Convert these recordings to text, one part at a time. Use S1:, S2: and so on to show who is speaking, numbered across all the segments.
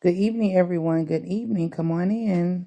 S1: Good evening, everyone. Good evening. Come on in.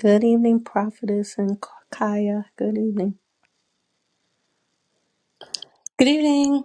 S2: Good evening, Prophetess and Kaya. Good evening.
S3: Good evening.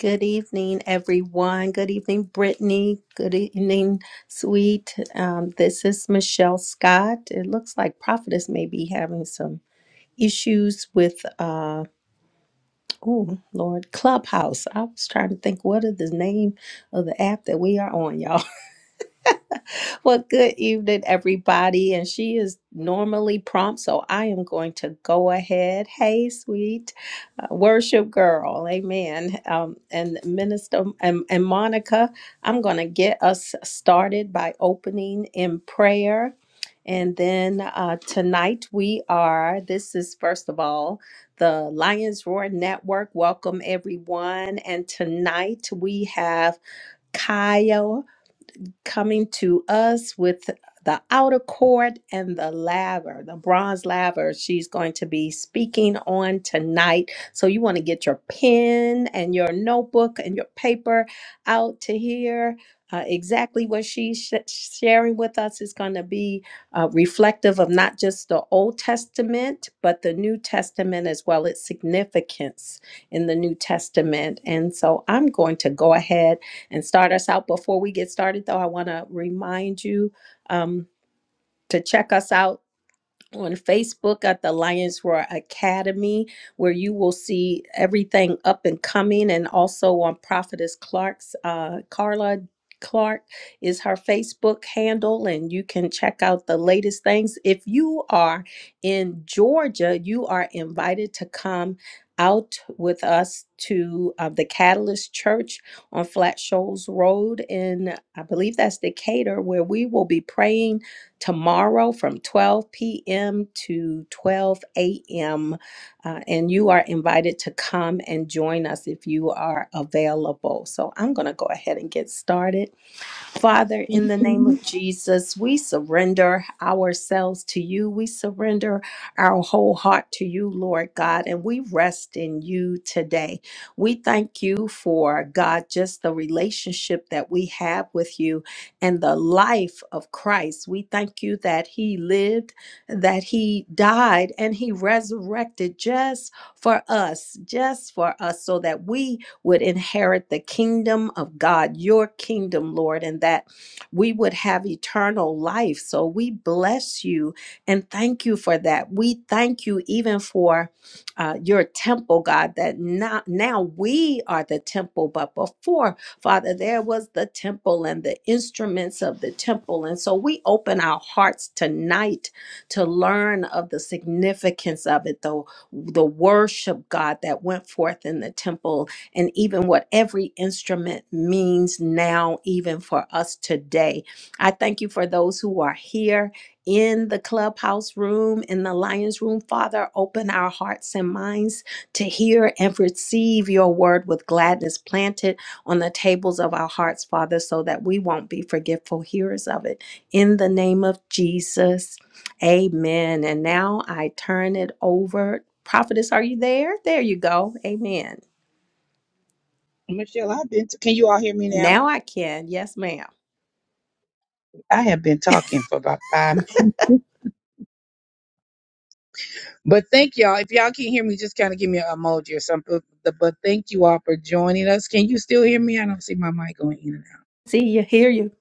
S2: Good evening, everyone. Good evening, Brittany. Good evening, sweet. Um, this is Michelle Scott. It looks like Prophetess may be having some issues with, uh, oh, Lord, Clubhouse. I was trying to think what is the name of the app that we are on, y'all. Well, good evening, everybody. And she is normally prompt, so I am going to go ahead. Hey, sweet uh, worship girl, amen. Um, and Minister and, and Monica, I'm going to get us started by opening in prayer. And then uh, tonight we are, this is first of all, the Lions Roar Network. Welcome everyone. And tonight we have Kyle coming to us with the outer court and the laver, the bronze laver. She's going to be speaking on tonight. So you want to get your pen and your notebook and your paper out to hear uh, exactly what she's sh- sharing with us is going to be uh, reflective of not just the Old Testament, but the New Testament as well, its significance in the New Testament. And so I'm going to go ahead and start us out. Before we get started, though, I want to remind you um, to check us out on Facebook at the Lions Roar Academy, where you will see everything up and coming, and also on Prophetess Clark's uh, Carla. Clark is her Facebook handle, and you can check out the latest things. If you are in Georgia, you are invited to come out with us to uh, the Catalyst Church on Flat Shoals Road in, I believe that's Decatur, where we will be praying tomorrow from 12 p.m. to 12 a.m. uh, and you are invited to come and join us if you are available. So I'm going to go ahead and get started. Father, in the name of Jesus, we surrender ourselves to you. We surrender our whole heart to you, Lord God, and we rest in you today. We thank you for, God, just the relationship that we have with you and the life of Christ. We thank you that he lived, that he died, and he resurrected just for us, just for us, so that we would inherit the kingdom of God, your kingdom, Lord, and that we would have eternal life. So we bless you and thank you for that. We thank you even for uh, your temple, God, that not, now we are the temple, but before, Father, there was the temple and the instruments of the temple. And so we open our hearts tonight to learn of the significance of it, The the worship, God, that went forth in the temple and even what every instrument means now, even for us today. I thank you for those who are here in the clubhouse room, in the lion's room. Father, open our hearts and minds to hear and receive your word with gladness planted on the tables of our hearts, Father, so that we won't be forgetful hearers of it. In the name of Jesus, amen. And now I turn it over. Prophetess, are you there? There you go. Amen.
S1: Michelle, I've been. can you all hear me now?
S2: Now I can. Yes, ma'am.
S1: I have been talking for about five minutes, but thank y'all. If y'all can't hear me, just kind of give me an emoji or something. But but thank you all for joining us. Can you still hear me? I don't see my mic going in. and out.
S2: See you, hear you.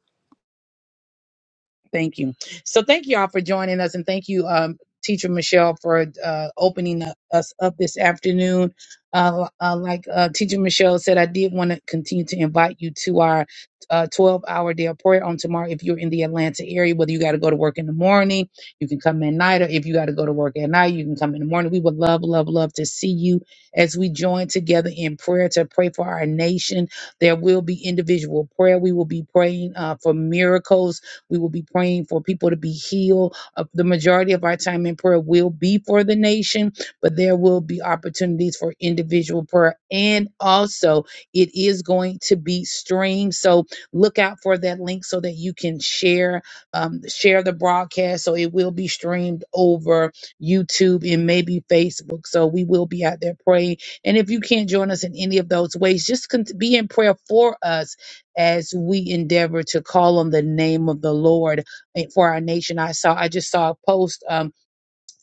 S1: Thank you. So thank you all for joining us, and thank you, um, Teacher Michelle, for uh, opening u- us up this afternoon. Uh, uh, like uh, Teacher Michelle said, I did want to continue to invite you to our uh, 12-hour day of prayer on tomorrow. If you're in the Atlanta area, whether you got to go to work in the morning, you can come at night, or if you got to go to work at night, you can come in the morning. We would love, love, love to see you as we join together in prayer to pray for our nation. There will be individual prayer. We will be praying uh, for miracles we will be praying for people to be healed. Uh, the majority of our time in prayer will be for the nation, but there will be opportunities for individual prayer. And also, it is going to be streamed. So look out for that link so that you can share um, share the broadcast. So it will be streamed over YouTube and maybe Facebook. So we will be out there praying. And if you can't join us in any of those ways, just con- be in prayer for us as we endeavor to call on the name of the Lord eh, for our nation. I saw, I just saw a post. Um,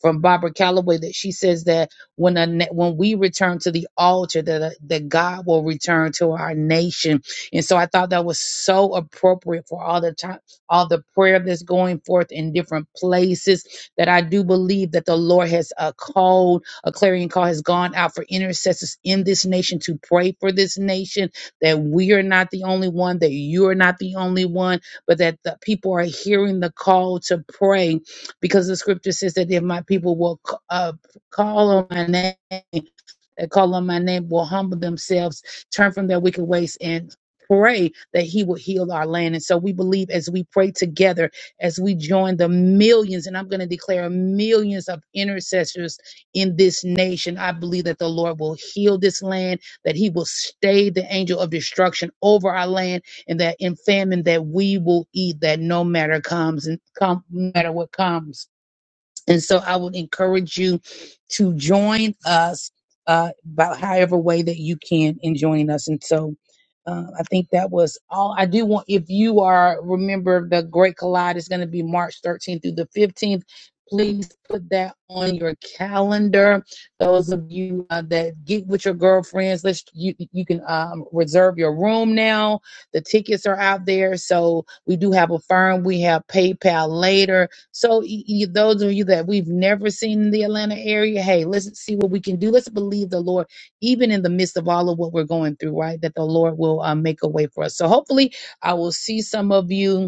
S1: from Barbara Calloway that she says that when a, na- when we return to the altar that uh, that God will return to our nation. And so I thought that was so appropriate for all the time all the prayer that's going forth in different places that I do believe that the Lord has a called a clarion call has gone out for intercessors in this nation to pray for this nation that we are not the only one that you are not the only one but that the people are hearing the call to pray because the scripture says that if my people will c- uh, call on my name, that call on my name will humble themselves, turn from their wicked ways, and pray that he will heal our land. And so we believe as we pray together, as we join the millions, and I'm going to declare millions of intercessors in this nation, I believe that the Lord will heal this land, that he will stay the angel of destruction over our land, and that in famine that we will eat, that no matter comes and come no matter what comes and so I would encourage you to join us uh, by however way that you can in joining us. And so uh, I think that was all. I do want, if you are, remember the Great Collide is going to be March 13th through the 15th. Please put that on your calendar. Those of you uh, that get with your girlfriends, let's you you can um, reserve your room now. The tickets are out there, so we do have a firm. We have PayPal later so, y- y- those of you that we've never seen in the Atlanta area, hey, let's see what we can do. Let's believe the Lord, even in the midst of all of what we're going through, right? That the Lord will uh, make a way for us. So, hopefully, I will see some of you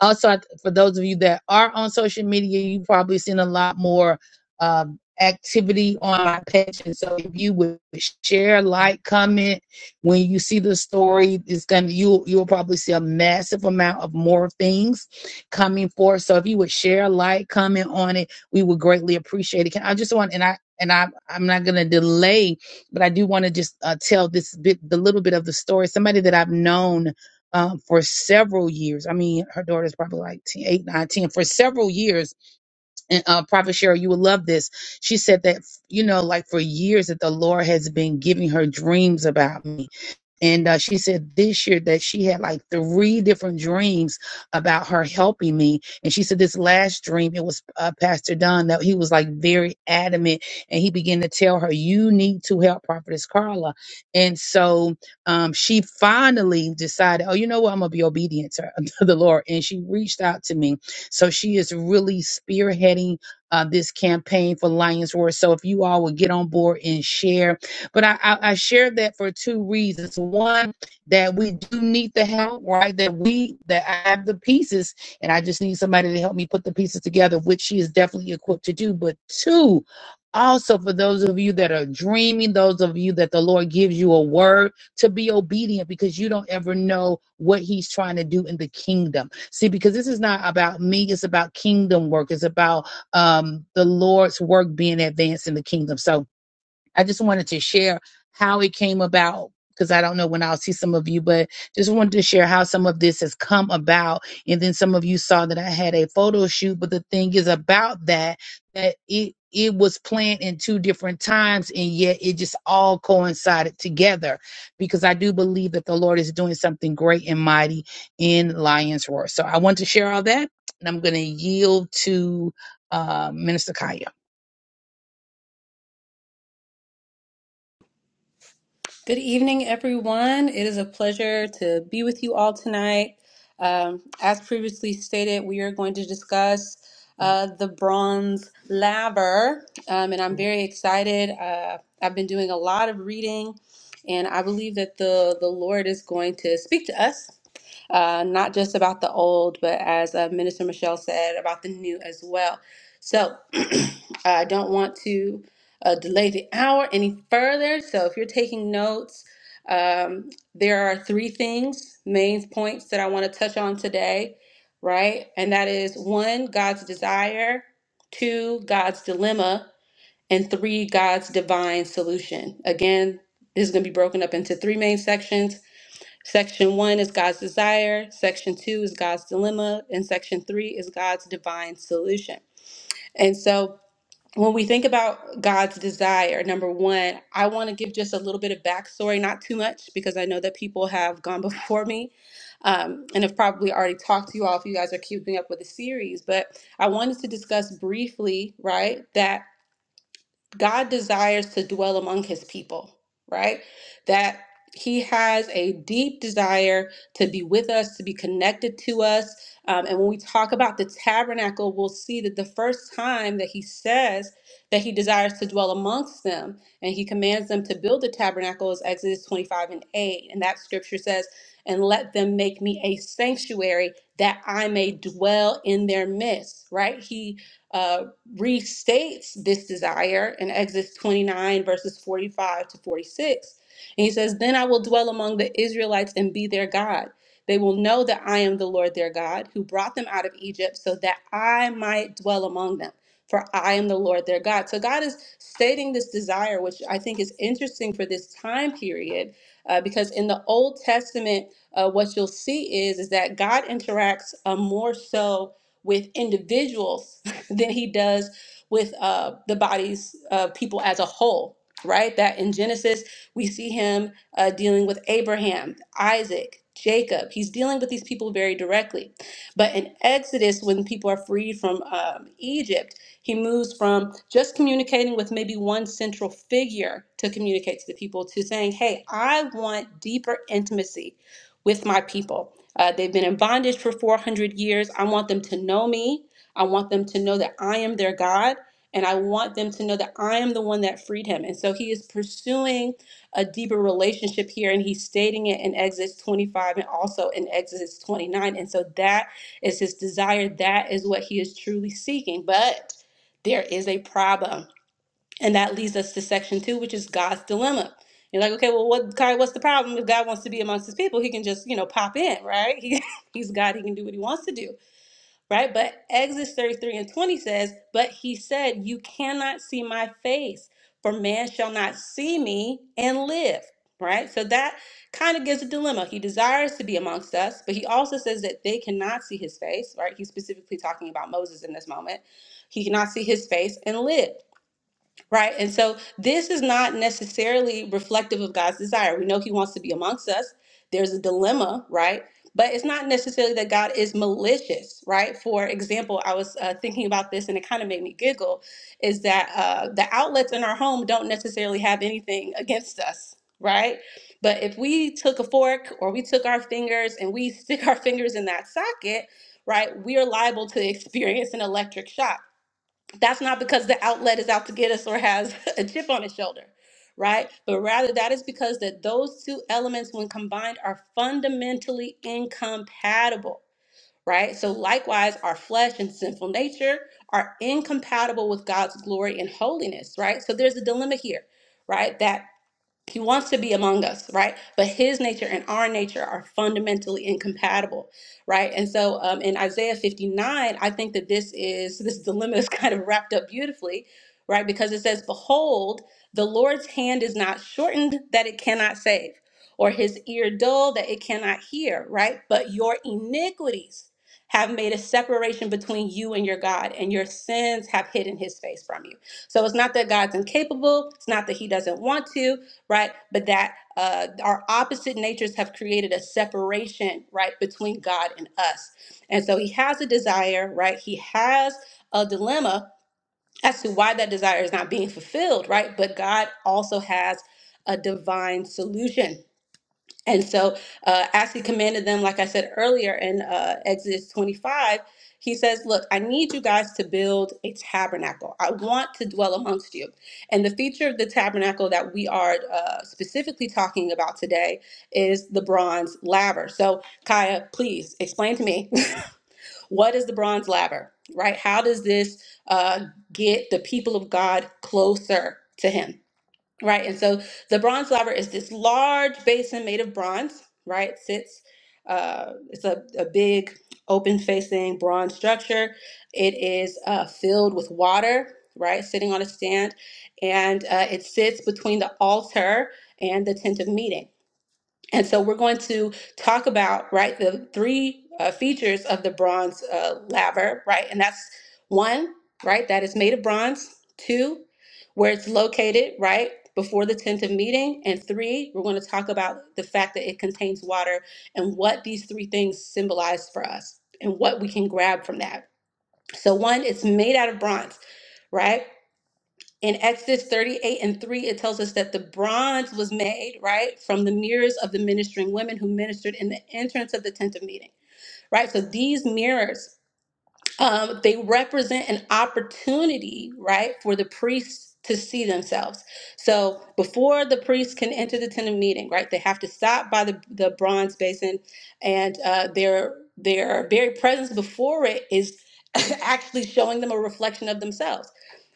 S1: also I- for those of you that are on social media you've probably seen a lot more um, activity on my page and so if you would share like comment when you see the story it's gonna you you'll probably see a massive amount of more things coming forth so if you would share like comment on it we would greatly appreciate it can i just want and i and I, I'm not going to delay, but I do want to just uh, tell this bit, the little bit of the story. Somebody that I've known um, for several years. I mean, her daughter's probably like 10, 8, 9, ten, for several years. And uh, Prophet Cheryl, you will love this. She said that, you know, like for years that the Lord has been giving her dreams about me and uh, she said this year that she had like three different dreams about her helping me. And she said this last dream, it was uh, Pastor Don that he was like very adamant and he began to tell her, You need to help Prophetess Carla. And so um, she finally decided, Oh, you know what? I'm going to be obedient to, to the Lord. And she reached out to me. So she is really spearheading uh, this campaign for Lions Roar. So if you all would get on board and share but I, I, I shared that for two reasons. One, that we do need the help, right? That we that I have the pieces, and I just need somebody to help me put the pieces together, which she is definitely equipped to do. But two, also for those of you that are dreaming, those of you that the Lord gives you a word to be obedient because you don't ever know what he's trying to do in the kingdom. See, because this is not about me, it's about kingdom work. It's about um the Lord's work being advanced in the kingdom. So I just wanted to share how it came about because I don't know when I'll see some of you, but just wanted to share how some of this has come about. And then some of you saw that I had a photo shoot, but the thing is about that, that it it was planned in two different times and yet it just all coincided together because I do believe that the Lord is doing something great and mighty in Lion's Roar. So I want to share all that and I'm going to yield to uh, Minister Kaya.
S3: Good evening, everyone. It is a pleasure to be with you all tonight. Um, as previously stated, we are going to discuss uh, the bronze laver, um, and I'm very excited. Uh, I've been doing a lot of reading, and I believe that the, the Lord is going to speak to us, uh, not just about the old, but as uh, Minister Michelle said, about the new as well. So, I don't want to uh, delay the hour any further. So if you're taking notes, um, there are three things, main points that I want to touch on today, right? And that is one, God's desire, two, God's dilemma, and three, God's divine solution. Again, this is going to be broken up into three main sections. Section one is God's desire, section two is God's dilemma, and section three is God's divine solution. And so when we think about God's desire, number one, I want to give just a little bit of backstory, not too much, because I know that people have gone before me um, and have probably already talked to you all if you guys are keeping up with the series. But I wanted to discuss briefly, right, that God desires to dwell among his people, right? That he has a deep desire to be with us, to be connected to us. Um, and when we talk about the tabernacle, we'll see that the first time that he says that he desires to dwell amongst them and he commands them to build the tabernacle is Exodus 25 and 8. And that scripture says, And let them make me a sanctuary that I may dwell in their midst, right? He uh, restates this desire in Exodus 29, verses 45 to 46. And he says, Then I will dwell among the Israelites and be their God. They will know that I am the Lord their God, who brought them out of Egypt so that I might dwell among them. For I am the Lord their God. So God is stating this desire, which I think is interesting for this time period, uh, because in the Old Testament, uh, what you'll see is, is that God interacts uh, more so with individuals than he does with uh, the bodies of people as a whole, right? That in Genesis, we see him uh, dealing with Abraham, Isaac, Jacob. He's dealing with these people very directly. But in Exodus, when people are freed from um, Egypt, he moves from just communicating with maybe one central figure to communicate to the people to saying, hey, I want deeper intimacy with my people. Uh, they've been in bondage for 400 years. I want them to know me. I want them to know that I am their God, and I want them to know that I am the one that freed him. And so he is pursuing a deeper relationship here, and he's stating it in Exodus 25 and also in Exodus 29. And so that is his desire. That is what he is truly seeking. But there is a problem. And that leads us to section two, which is God's dilemma. You're like, okay, well, what, Kai, what's the problem? If God wants to be amongst his people, he can just, you know, pop in, right? He, he's God, he can do what he wants to do right? But Exodus 33 and 20 says, But he said, You cannot see my face, for man shall not see me and live, right? So that kind of gives a dilemma. He desires to be amongst us, but he also says that they cannot see his face, right? He's specifically talking about Moses in this moment. He cannot see his face and live. Right. And so this is not necessarily reflective of God's desire. We know He wants to be amongst us. There's a dilemma, right? But it's not necessarily that God is malicious, right? For example, I was uh, thinking about this and it kind of made me giggle is that uh, the outlets in our home don't necessarily have anything against us, right? But if we took a fork or we took our fingers and we stick our fingers in that socket, right, we are liable to experience an electric shock that's not because the outlet is out to get us or has a chip on its shoulder right but rather that is because that those two elements when combined are fundamentally incompatible right so likewise our flesh and sinful nature are incompatible with god's glory and holiness right so there's a dilemma here right that he wants to be among us, right? But his nature and our nature are fundamentally incompatible, right? And so um, in Isaiah 59, I think that this is this dilemma is kind of wrapped up beautifully, right? Because it says, Behold, the Lord's hand is not shortened that it cannot save, or his ear dull that it cannot hear, right? But your iniquities have made a separation between you and your God, and your sins have hidden his face from you. So it's not that God's incapable, it's not that he doesn't want to, right? But that uh, our opposite natures have created a separation, right, between God and us. And so he has a desire, right? He has a dilemma as to why that desire is not being fulfilled, right? But God also has a divine solution and so, uh, as he commanded them, like I said earlier in uh, Exodus 25, he says, Look, I need you guys to build a tabernacle. I want to dwell amongst you. And the feature of the tabernacle that we are uh, specifically talking about today is the bronze laver. So, Kaya, please explain to me what is the bronze laver, right? How does this uh, get the people of God closer to him? Right. And so the bronze laver is this large basin made of bronze, right? It sits, uh, it's a, a big open facing bronze structure. It is uh, filled with water, right? Sitting on a stand. And uh, it sits between the altar and the tent of meeting and so we're going to talk about, right, the three uh, features of the bronze uh, laver, right? And that's one, right, that it's made of bronze, two, where it's located, right, before the tent of meeting, and three, we're going to talk about the fact that it contains water and what these three things symbolize for us and what we can grab from that. So, one, it's made out of bronze, right? in Exodus 38 and 3, it tells us that the bronze was made, right, from the mirrors of the ministering women who ministered in the entrance of the tent of meeting, right? So these mirrors um, they represent an opportunity, right, for the priests to see themselves. So before the priests can enter the tent of meeting, right, they have to stop by the, the bronze basin, and uh, their their very presence before it is actually showing them a reflection of themselves,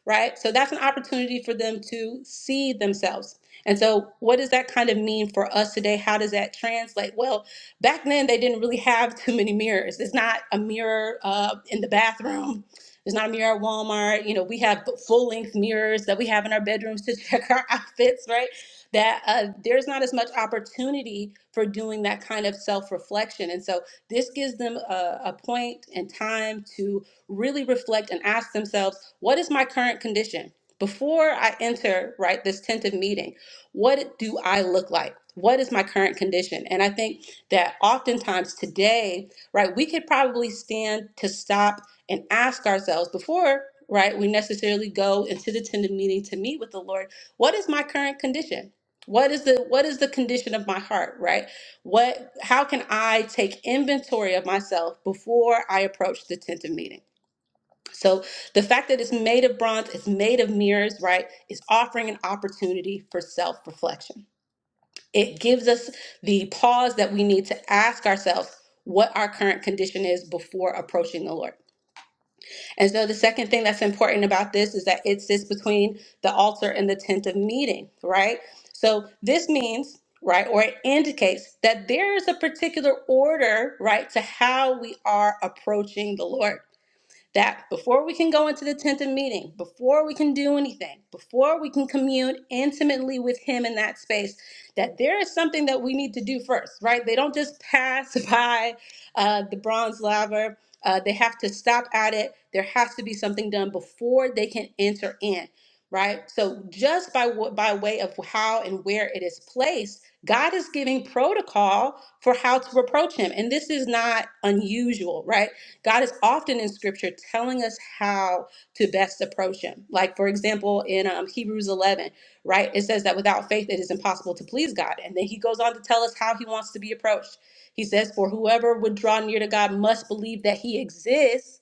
S3: right? So that's an opportunity for them to see themselves. And so, what does that kind of mean for us today? How does that translate? Well, Back then, they didn't really have too many mirrors. There's not a mirror uh, in the bathroom. There's not a mirror at Walmart. You know, we have full length mirrors that we have in our bedrooms to check our outfits, right? That uh, there's not as much opportunity for doing that kind of self reflection. And so this gives them a, a point and time to really reflect and ask themselves, what is my current condition? Before I enter, right, this tentative meeting, what do I look like? What is my current condition? And I think that oftentimes today, right, we could probably stand to stop and ask ourselves before, right, we necessarily go into the tender meeting to meet with the Lord, what is my current condition? What is the what is the condition of my heart, right? What how can I take inventory of myself before I approach the tent of meeting? So the fact that it's made of bronze, it's made of mirrors, right, is offering an opportunity for self-reflection it gives us the pause that we need to ask ourselves what our current condition is before approaching the Lord. And so the second thing that's important about this is that it sits between the altar and the tent of meeting, right? So this means, right, or it indicates that there is a particular order, right, to how we are approaching the Lord that before we can go into the tent of meeting, before we can do anything, before we can commune intimately with Him in that space, that there is something that we need to do first, right? They don't just pass by uh, the bronze laver. Uh, they have to stop at it. There has to be something done before they can enter in, right? So just by wa- by way of how and where it is placed, God is giving protocol for how to approach Him, and this is not unusual, right? God is often in scripture telling us how to best approach him. Like, for example, in um, Hebrews 11, right? It says that without faith, it is impossible to please God. And then he goes on to tell us how he wants to be approached. He says, For whoever would draw near to God must believe that he exists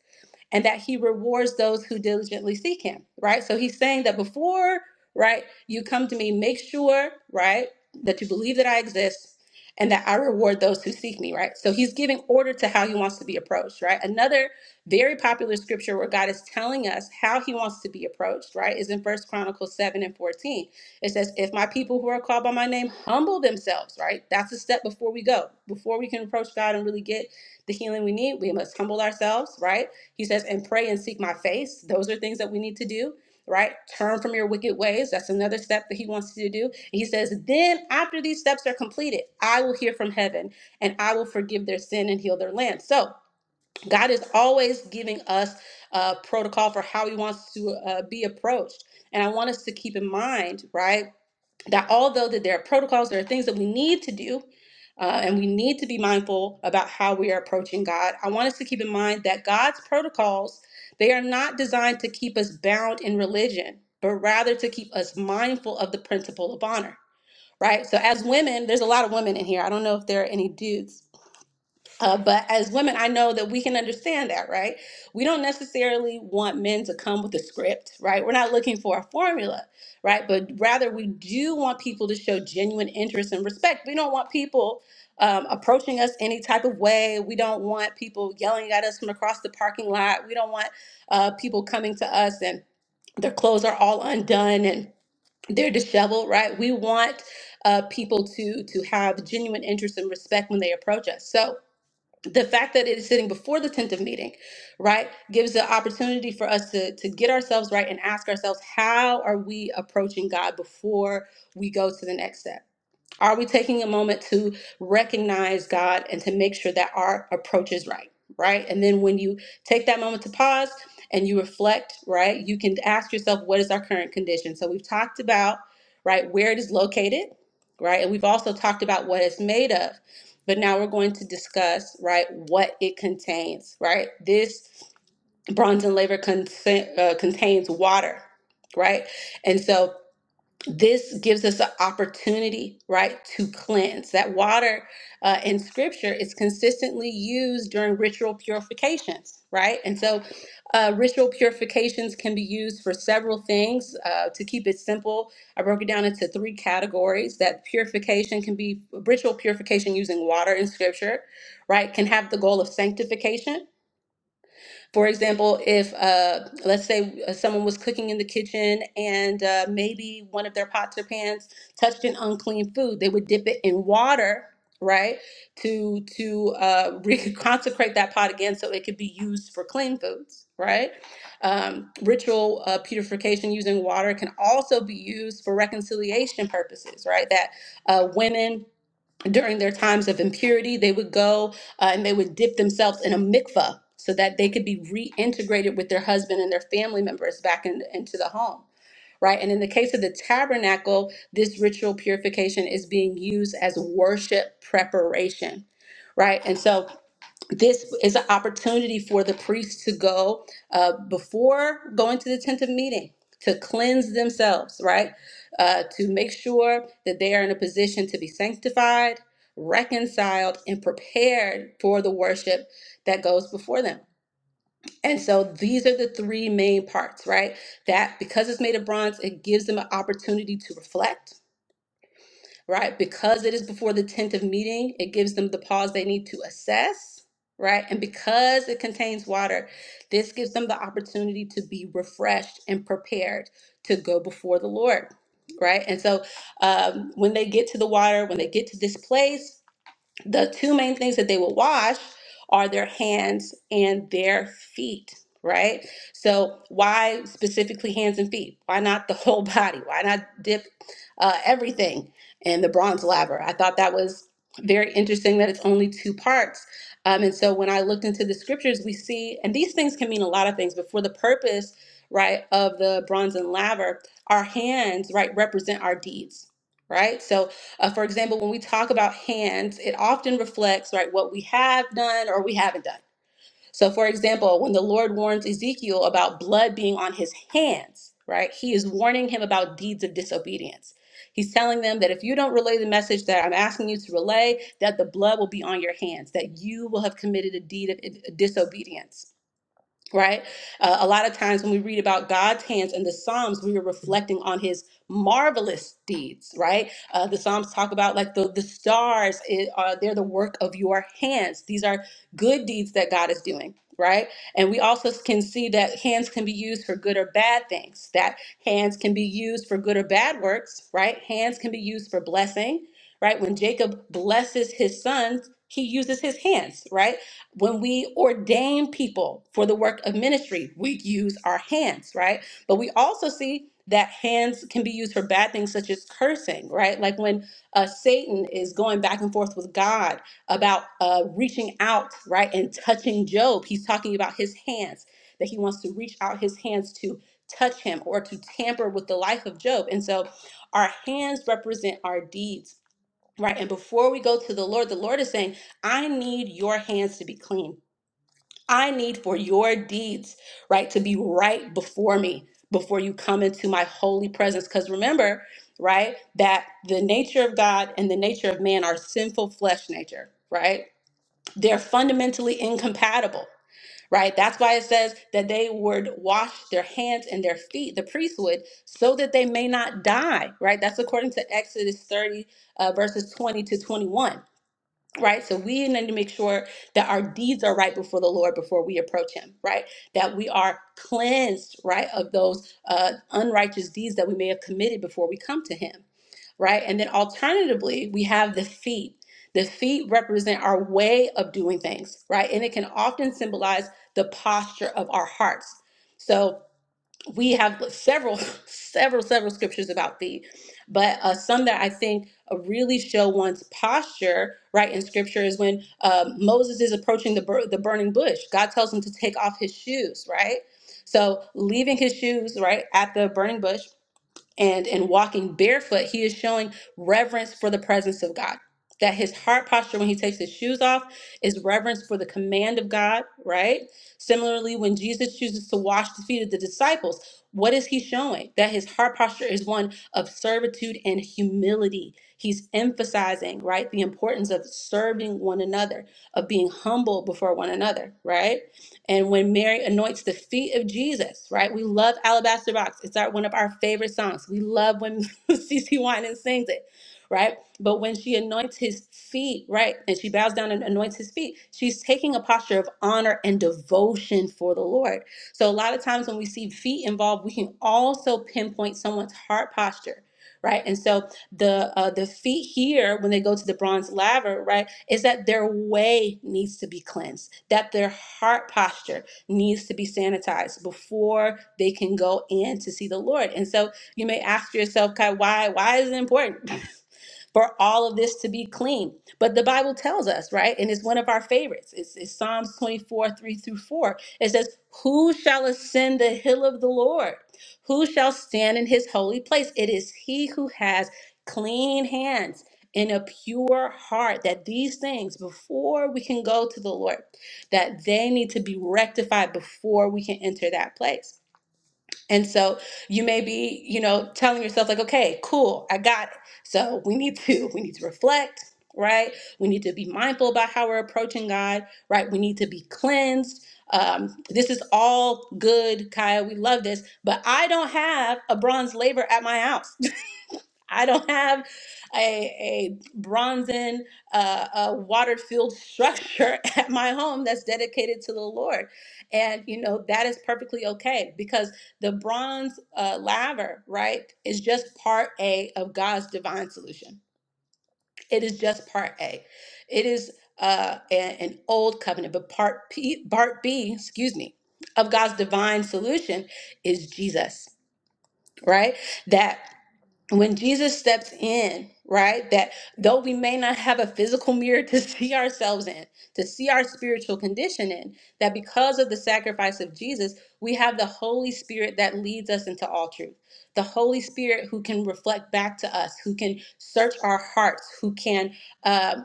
S3: and that he rewards those who diligently seek him, right? So he's saying that before, right, you come to me, make sure, right, that you believe that I exist and that I reward those who seek me, right? So he's giving order to how he wants to be approached, right? Another very popular scripture where God is telling us how he wants to be approached, right, is in First Chronicles 7 and 14. It says, If my people who are called by my name humble themselves, right? That's a step before we go. Before we can approach God and really get the healing we need, we must humble ourselves, right? He says, and pray and seek my face. Those are things that we need to do, right? Turn from your wicked ways. That's another step that he wants you to do. And he says, then after these steps are completed, I will hear from heaven and I will forgive their sin and heal their land. So God is always giving us a protocol for how he wants to uh, be approached. And I want us to keep in mind, right? that although that there are protocols, there are things that we need to do, uh, and we need to be mindful about how we are approaching God. I want us to keep in mind that God's protocols they are not designed to keep us bound in religion, but rather to keep us mindful of the principle of honor. Right. So as women, there's a lot of women in here. I don't know if there are any dudes, uh, but as women, I know that we can understand that, right? We don't necessarily want men to come with a script, right? We're not looking for a formula, right? But rather, we do want people to show genuine interest and respect. We don't want people um, approaching us any type of way. We don't want people yelling at us from across the parking lot. We don't want uh, people coming to us and their clothes are all undone and they're disheveled, right? We want uh, people to to have genuine interest and respect when they approach us. So the fact that it is sitting before the tenth of meeting, right, gives the opportunity for us to to get ourselves right and ask ourselves, how are we approaching God before we go to the next step? Are we taking a moment to recognize God and to make sure that our approach is right? Right. And then when you take that moment to pause and you reflect, right, you can ask yourself, what is our current condition? So we've talked about, right, where it is located, right? And we've also talked about what it's made of. But now we're going to discuss, right, what it contains, right? This bronze and labor contain, uh, contains water, right? And so this gives us an opportunity, right, to cleanse. That water uh, in scripture is consistently used during ritual purifications, right? And so uh, ritual purifications can be used for several things. Uh, to keep it simple, I broke it down into three categories that purification can be ritual purification using water in scripture, right, can have the goal of sanctification for example, if uh, let's say uh, someone was cooking in the kitchen and uh, maybe one of their pots or pans touched an unclean food, they would dip it in water, right, to to uh, reconsecrate that pot again so it could be used for clean foods, right? Um, ritual uh, purification using water can also be used for reconciliation purposes, right? That uh, women during their times of impurity, they would go uh, and they would dip themselves in a mikvah so that they could be reintegrated with their husband and their family members back in, into the home, right? And in the case of the tabernacle, this ritual purification is being used as worship preparation, right? And so this is an opportunity for the priests to go uh, before going to the tent of meeting to cleanse themselves right uh, to make sure that they are in a position to be sanctified reconciled and prepared for the worship that goes before them and so these are the three main parts right that because it's made of bronze it gives them an opportunity to reflect right? Because it is before the 10th of meeting, it gives them the pause they need to assess, right? And because it contains water, this gives them the opportunity to be refreshed and prepared to go before the Lord, right? And so um, when they get to the water, when they get to this place, the two main things that they will wash are their hands and their feet right so why specifically hands and feet why not the whole body why not dip uh, everything in the bronze laver i thought that was very interesting that it's only two parts um, and so when i looked into the scriptures we see and these things can mean a lot of things but for the purpose right of the bronze and laver our hands right represent our deeds right so uh, for example, when we talk about hands, it often reflects right what we have done or we haven't done. So, for example, when the Lord warns Ezekiel about blood being on his hands, right, he is warning him about deeds of disobedience. He's telling them that if you don't relay the message that I'm asking you to relay, that the blood will be on your hands, that you will have committed a deed of i- disobedience right? Uh, a lot of times when we read about God's hands in the Psalms, we are reflecting on His marvelous deeds, right? Uh, the Psalms talk about like the the stars; it, uh, they're the work of your hands. These are good deeds that God is doing. Right. And we also can see that hands can be used for good or bad things, that hands can be used for good or bad works, right? Hands can be used for blessing, right? When Jacob blesses his sons, he uses his hands, right? When we ordain people for the work of ministry, we use our hands, right? But we also see that hands can be used for bad things such as cursing, right? Like when uh, Satan is going back and forth with God about uh, reaching out, right, and touching Job. He's talking about his hands, that he wants to reach out his hands to touch him or to tamper with the life of Job. And so our hands represent our deeds Right. And before we go to the Lord, the Lord is saying, I need your hands to be clean. I need for your deeds, right, to be right before me, before you come into my holy presence. Because remember, right, that the nature of God and the nature of man are sinful flesh nature, right? They're fundamentally incompatible, right? That's why it says that they would wash their hands and their feet, the priest would, so that they may not die, right? That's according to Exodus 30, uh, verses 20 to 21. Right, so we need to make sure that our deeds are right before the Lord before we approach Him. Right, that we are cleansed, right, of those uh, unrighteous deeds that we may have committed before we come to Him right? And then alternatively, we have the feet. The feet represent our way of doing things, right? And it can often symbolize the posture of our hearts. So we have several, several, several scriptures about feet, but uh, some that I think uh, really show one's posture, right, in scripture is when uh, Moses is approaching the, bur- the burning bush. God tells him to take off his shoes, right? So leaving his shoes, right, at the burning bush and in walking barefoot, he is showing reverence for the presence of God. That his heart posture when he takes his shoes off is reverence for the command of God, right? Similarly, when Jesus chooses to wash the feet of the disciples, what is he showing? That his heart posture is one of servitude and humility. He's emphasizing, right, the importance of serving one another, of being humble before one another, right? And when Mary anoints the feet of Jesus, right? We love Alabaster Box. It's our one of our favorite songs. We love when CC Winans sings it, right? But when she anoints his feet, right, and she bows down and anoints his feet, she's taking a posture of honor and devotion for the Lord. So a lot of times when we see feet involved, we can also pinpoint someone's heart posture, right? And so the uh, the feet here, when they go to the bronze laver, right? is that their way needs to be cleansed, that their heart posture needs to be sanitized before they can go in to see the Lord. And so you may ask yourself, Kai, why? Why is it important? for all of this to be clean. But the Bible tells us, right? And it's one of our favorites. It's, it's Psalms 24, 3 through 4. It says, Who shall ascend the hill of the Lord? Who shall stand in his holy place? It is he who has clean hands and a pure heart that these things before we can go to the Lord that they need to be rectified before we can enter that place. And so you may be, you know, telling yourself like, okay, cool, I got it. So we need to, we need to reflect, right? We need to be mindful about how we're approaching God, right? We need to be cleansed. Um, this is all good, Kaya. We love this, but I don't have a bronze labor at my house. I don't have a, a bronzen, uh, uh, water filled structure at my home that's dedicated to the Lord. And, you know, that is perfectly okay because the bronze uh, laver, right, is just part A of God's divine solution. It is just part A. It is uh, a- an old covenant, but part, P, part B, excuse me, of God's divine solution is Jesus, right? when Jesus steps in, right, that though we may not have a physical mirror to see ourselves in, to see our spiritual condition in, that because of the sacrifice of Jesus, we have the Holy Spirit that leads us into all truth. The Holy Spirit who can reflect back to us, who can search our hearts, who can uh,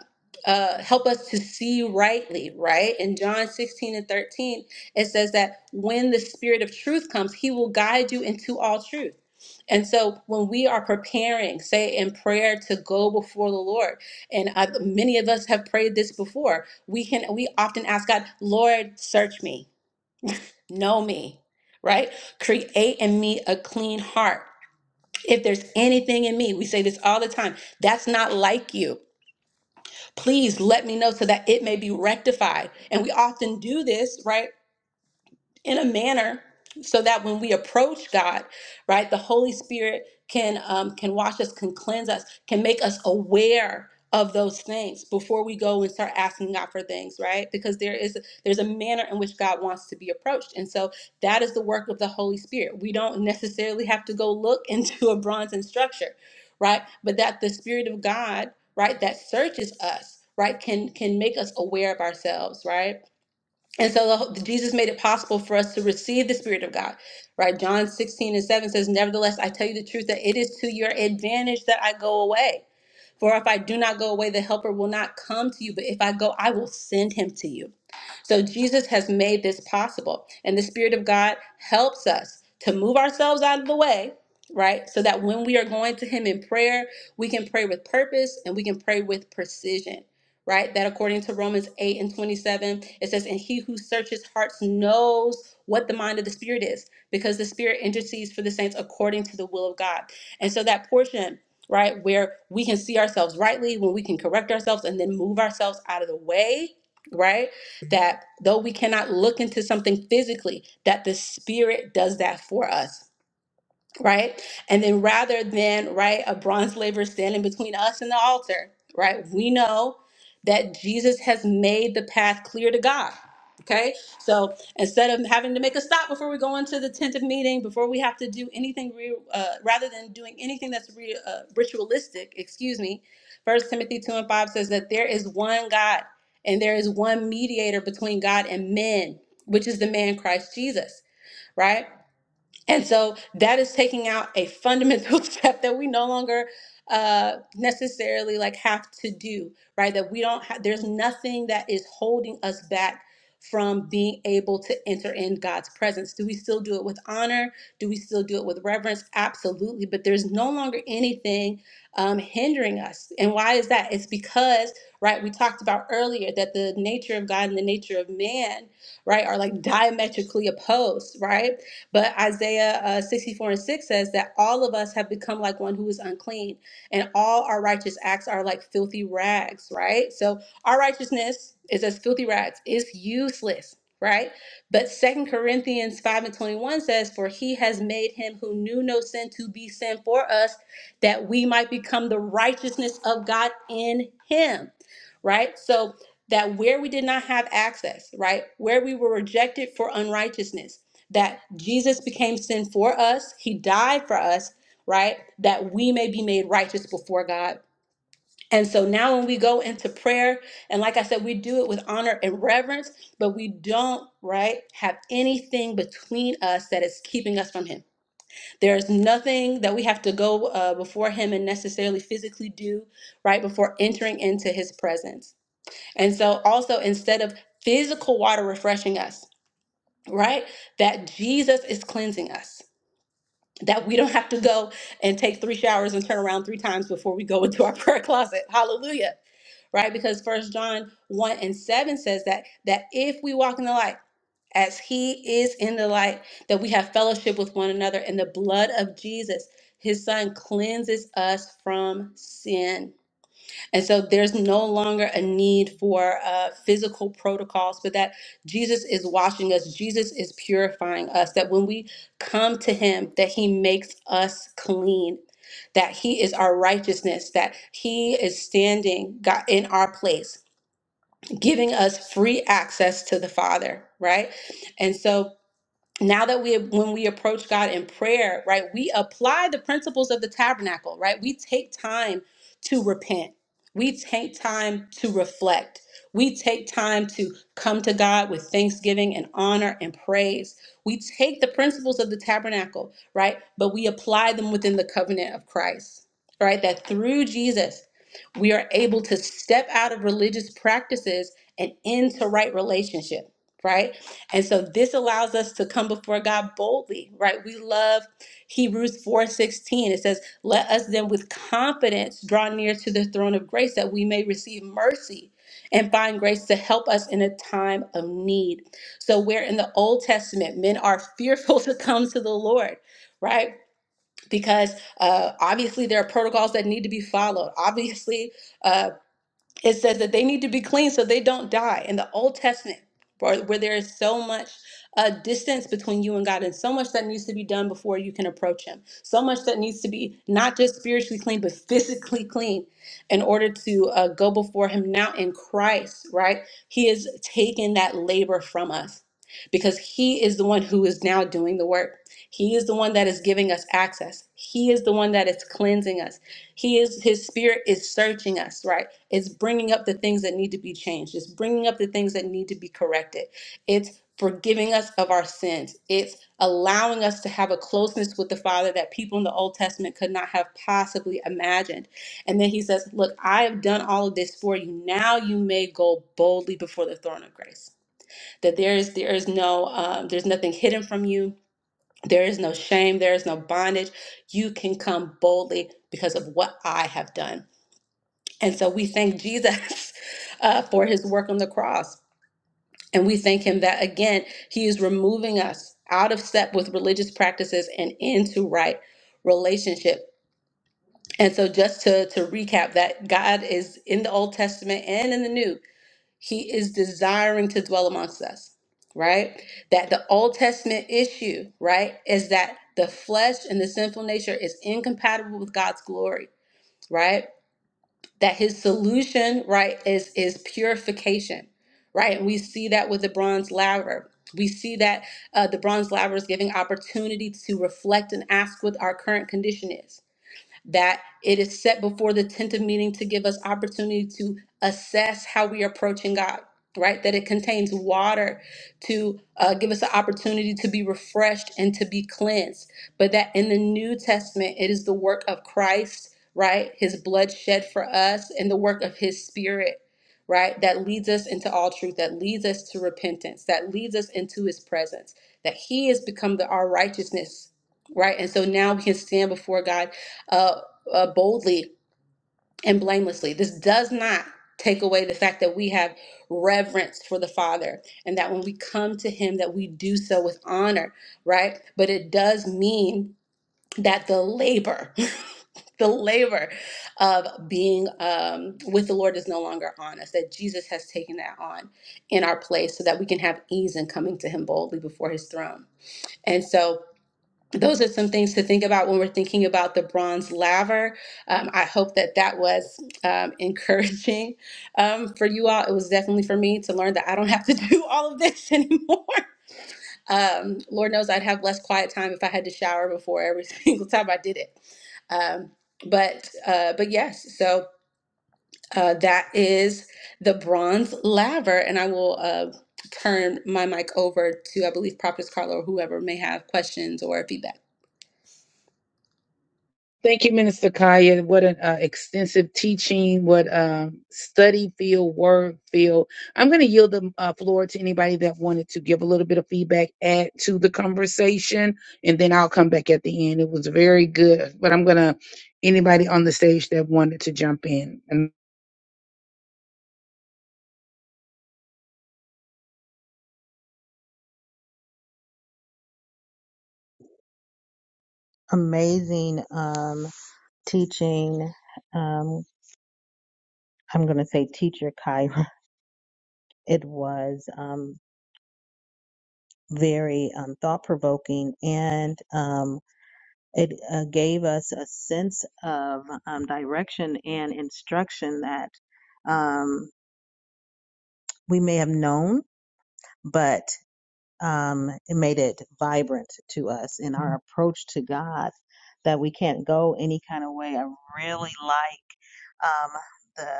S3: uh, help us to see rightly, right? In John 16 and 13, it says that when the Spirit of truth comes, he will guide you into all truth and so when we are preparing, say in prayer to go before the Lord, and I, many of us have prayed this before, we can we often ask God, Lord, search me, know me, right? Create in me a clean heart. If there's anything in me, we say this all the time, that's not like you. Please let me know so that it may be rectified. And we often do this, right? in a manner so that when we approach God, right, the Holy Spirit can um, can wash us, can cleanse us, can make us aware of those things before we go and start asking God for things, right? Because there is there's a manner in which God wants to be approached, and so that is the work of the Holy Spirit. We don't necessarily have to go look into a bronze structure, right? But that the Spirit of God, right, that searches us, right, can can make us aware of ourselves, right? And so the, Jesus made it possible for us to receive the Spirit of God, right? John 16 and 7 says, Nevertheless, I tell you the truth that it is to your advantage that I go away. For if I do not go away, the helper will not come to you, but if I go, I will send him to you. So Jesus has made this possible. And the Spirit of God helps us to move ourselves out of the way, right? So that when we are going to Him in prayer, we can pray with purpose and we can pray with precision, right? That according to Romans 8 and 27, it says, And he who searches hearts knows what the mind of the Spirit is, because the Spirit intercedes for the saints according to the will of God. And so that portion right? Where we can see ourselves rightly, when we can correct ourselves and then move ourselves out of the way, right? That though we cannot look into something physically, that the spirit does that for us right? And then rather than, right, a bronze laver standing between us and the altar, right, we know that Jesus has made the path clear to God. Okay, so instead of having to make a stop before we go into the tent of meeting, before we have to do anything, re- uh, rather than doing anything that's re- uh, ritualistic, excuse me, First Timothy two and five says that there is one God and there is one mediator between God and men, which is the man Christ Jesus right? And so that is taking out a fundamental step that we no longer uh, necessarily like have to do, right? That we don't have, there's nothing that is holding us back from being able to enter in God's presence. Do we still do it with honor? Do we still do it with reverence? Absolutely. But there's no longer anything um, hindering us. And why is that? It's because, right, we talked about earlier that the nature of God and the nature of man, right, are like diametrically opposed, right? But Isaiah uh, 64 and 6 says that all of us have become like one who is unclean, and all our righteous acts are like filthy rags, right? So our righteousness is as filthy rags, it's useless, right? But Second Corinthians 5 and 21 says, For he has made him who knew no sin to be sin for us, that we might become the righteousness of God in him, right? So that where we did not have access, right? Where we were rejected for unrighteousness that Jesus became sin for us, he died for us, right? That we may be made righteous before God. And so now when we go into prayer, and like I said, we do it with honor and reverence, but we don't, right, have anything between us that is keeping us from him. There is nothing that we have to go uh, before him and necessarily physically do, right, before entering into his presence. And so also instead of physical water refreshing us, right, that Jesus is cleansing us that we don't have to go and take three showers and turn around three times before we go into our prayer closet. Hallelujah. Right? Because first John 1 and 7 says that that if we walk in the light, as he is in the light, that we have fellowship with one another, and the blood of Jesus, his son, cleanses us from sin. And so there's no longer a need for uh, physical protocols, but that Jesus is washing us, Jesus is purifying us, that when we come to him, that he makes us clean, that he is our righteousness, that he is standing God, in our place, giving us free access to the Father, right? And so now that we when we approach God in prayer, right, we apply the principles of the tabernacle, right? We take time to repent. We take time to reflect. We take time to come to God with thanksgiving and honor and praise. We take the principles of the tabernacle, right? But we apply them within the covenant of Christ, right? That through Jesus, we are able to step out of religious practices and into right relationship, right? And so this allows us to come before God boldly, right? We love Hebrews 4:16. It says, "Let us then with confidence draw near to the throne of grace that we may receive mercy and find grace to help us in a time of need." So where in the Old Testament men are fearful to come to the Lord, right? Because uh, obviously there are protocols that need to be followed. Obviously, uh, it says that they need to be clean so they don't die. In the Old Testament, where, where there is so much uh, distance between you and God, and so much that needs to be done before you can approach Him, so much that needs to be not just spiritually clean, but physically clean in order to uh, go before Him now in Christ, right? He has taken that labor from us because He is the one who is now doing the work. He is the one that is giving us access, He is the one that is cleansing us. He is his spirit is searching us, right? It's bringing up the things that need to be changed. It's bringing up the things that need to be corrected. It's forgiving us of our sins. It's allowing us to have a closeness with the Father that people in the Old Testament could not have possibly imagined. And then he says, "Look, I have done all of this for you. Now you may go boldly before the throne of grace. That there is there is no um, there's nothing hidden from you." There is no shame, there is no bondage. You can come boldly because of what I have done. And so we thank Jesus uh, for his work on the cross. And we thank him that again, he is removing us out of step with religious practices and into right relationship. And so just to, to recap that God is in the Old Testament and in the New he is desiring to dwell amongst us, right? That the Old Testament issue, right, is that the flesh and the sinful nature is incompatible with God's glory, right? That his solution, right, is is purification, right? And we see that with the bronze laver. We see that uh, the bronze laver is giving opportunity to reflect and ask what our current condition is that it is set before the tent of meeting to give us opportunity to assess how we are approaching God, right? That it contains water to uh, give us the opportunity to be refreshed and to be cleansed, but that in the New Testament, it is the work of Christ, right? His blood shed for us and the work of his spirit. Right, that leads us into all truth, that leads us to repentance, that leads us into his presence, that he has become the, our righteousness, right? And so now we can stand before God uh, uh, boldly and blamelessly. This does not take away the fact that we have reverence for the Father and that when we come to Him, that we do so with honor, right? But it does mean that the labor, the labor of being um, with the Lord is no longer on us, that Jesus has taken that on in our place so that we can have ease in coming to Him boldly before His throne. And so, those are some things to think about when we're thinking about the bronze laver. Um, I hope that that was um, encouraging um, for you all. It was definitely for me to learn that I don't have to do all of this anymore. Um, Lord knows I'd have less quiet time if I had to shower before every single time I did it. Um, but uh, but yes, so uh, that is the bronze laver, and I will uh, turn my mic over to I believe Prophet Carla or whoever may have questions or feedback.
S1: Thank you, Minister Kaya. What an uh, extensive teaching, what um, study field, work field. I'm going to yield the uh, floor to anybody that wanted to give a little bit of feedback, add to the conversation, and then I'll come back at the end. It was very good, but I'm going to anybody on the stage that wanted to jump in and
S4: amazing um, teaching. Um, I'm going to say teacher Kyra. It was um, very um, thought provoking and um, it uh, gave us a sense of um, direction and instruction that um, we may have known, but um, it made it vibrant to us in our approach to God that we can't go any kind of way. I really like um, the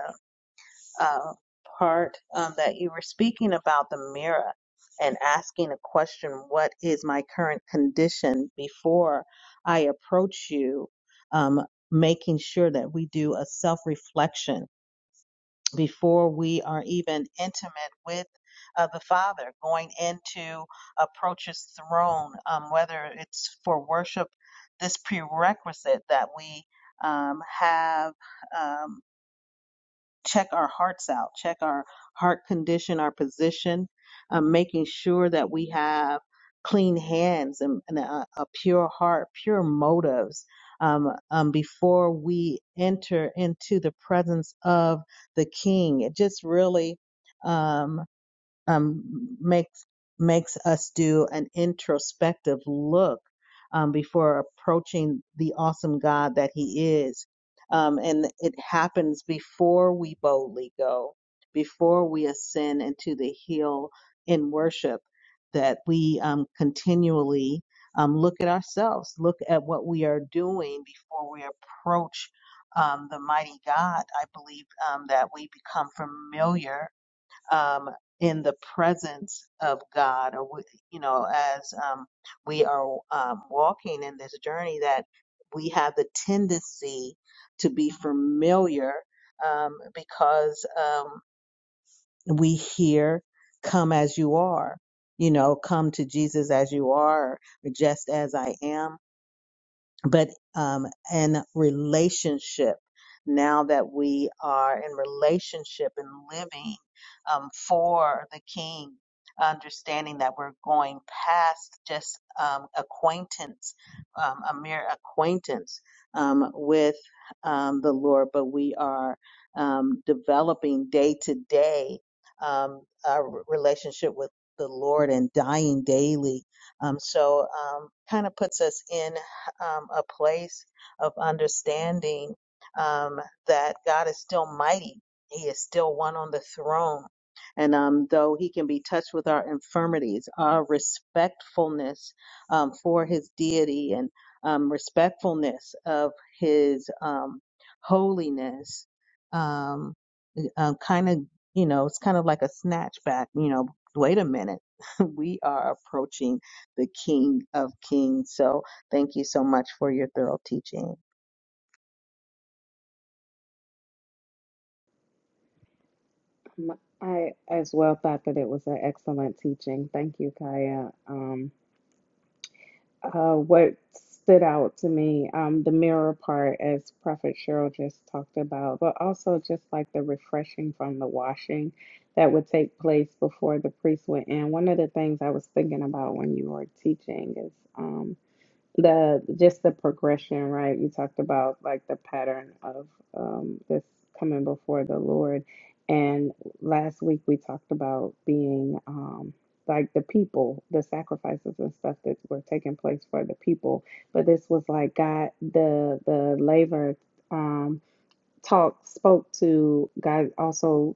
S4: uh, part um, that you were speaking about the mirror and asking a question what is my current condition before i approach you um, making sure that we do a self-reflection before we are even intimate with uh, the father going into approach his throne um, whether it's for worship this prerequisite that we um, have um, check our hearts out, check our heart condition, our position, uh, making sure that we have clean hands and, and a, a pure heart, pure motives um, um, before we enter into the presence of the King. It just really. um, um, makes makes us do an introspective look um, before approaching the awesome God that He is, um, and it happens before we boldly go, before we ascend into the hill in worship, that we um, continually um, look at ourselves, look at what we are doing before we approach. Um, the mighty God, I believe um, that we become familiar um, in the presence of God, or we, you know, as um, we are um, walking in this journey, that we have the tendency to be familiar um, because um, we hear, "Come as you are," you know, "Come to Jesus as you are," or "Just as I am." but um, in relationship now that we are in relationship and living um, for the king understanding that we're going past just um, acquaintance um, a mere acquaintance um, with um, the lord but we are um, developing day to day um, our relationship with the lord and dying daily um, so um, kind of puts us in um, a place of understanding um, that God is still mighty. He is still one on the throne. And um, though he can be touched with our infirmities, our respectfulness um, for his deity and um, respectfulness of his um, holiness, um, um, kind of, you know, it's kind of like a snatchback, you know, wait a minute. we are approaching the King of Kings. So thank you so much for your thorough teaching.
S5: M- I as well thought that it was an excellent teaching. Thank you, Kaya. Um, uh, what stood out to me, um, the mirror part, as Prophet Cheryl just talked about, but also just like the refreshing from the washing that would take place before the priest went in. One of the things I was thinking about when you were teaching is. Um, the just the progression, right? You talked about like the pattern of um this coming before the Lord. And last week we talked about being um like the people, the sacrifices and stuff that were taking place for the people. But this was like God the the labor um talk spoke to God also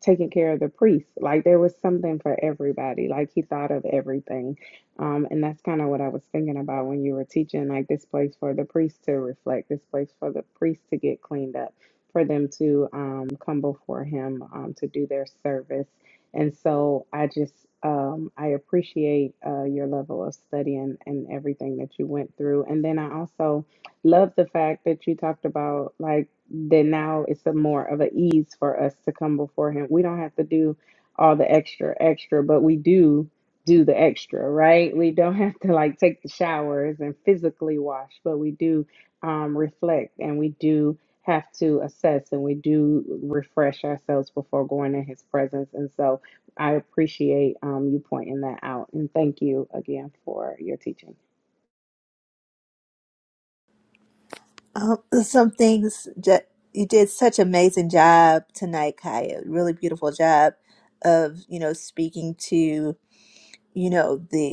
S5: taking care of the priest. Like there was something for everybody. Like he thought of everything. Um, and that's kind of what I was thinking about when you were teaching, like this place for the priest to reflect, this place for the priest to get cleaned up, for them to um, come before him um, to do their service. And so I just, um, I appreciate uh, your level of study and, and everything that you went through. And then I also, Love the fact that you talked about like that now it's a more of an ease for us to come before him. We don't have to do all the extra extra, but we do do the extra, right? We don't have to like take the showers and physically wash, but we do um reflect and we do have to assess and we do refresh ourselves before going in his presence. And so I appreciate um you pointing that out and thank you again for your teaching.
S6: Um, some things that you did such amazing job tonight, Kaya. Really beautiful job of you know speaking to you know the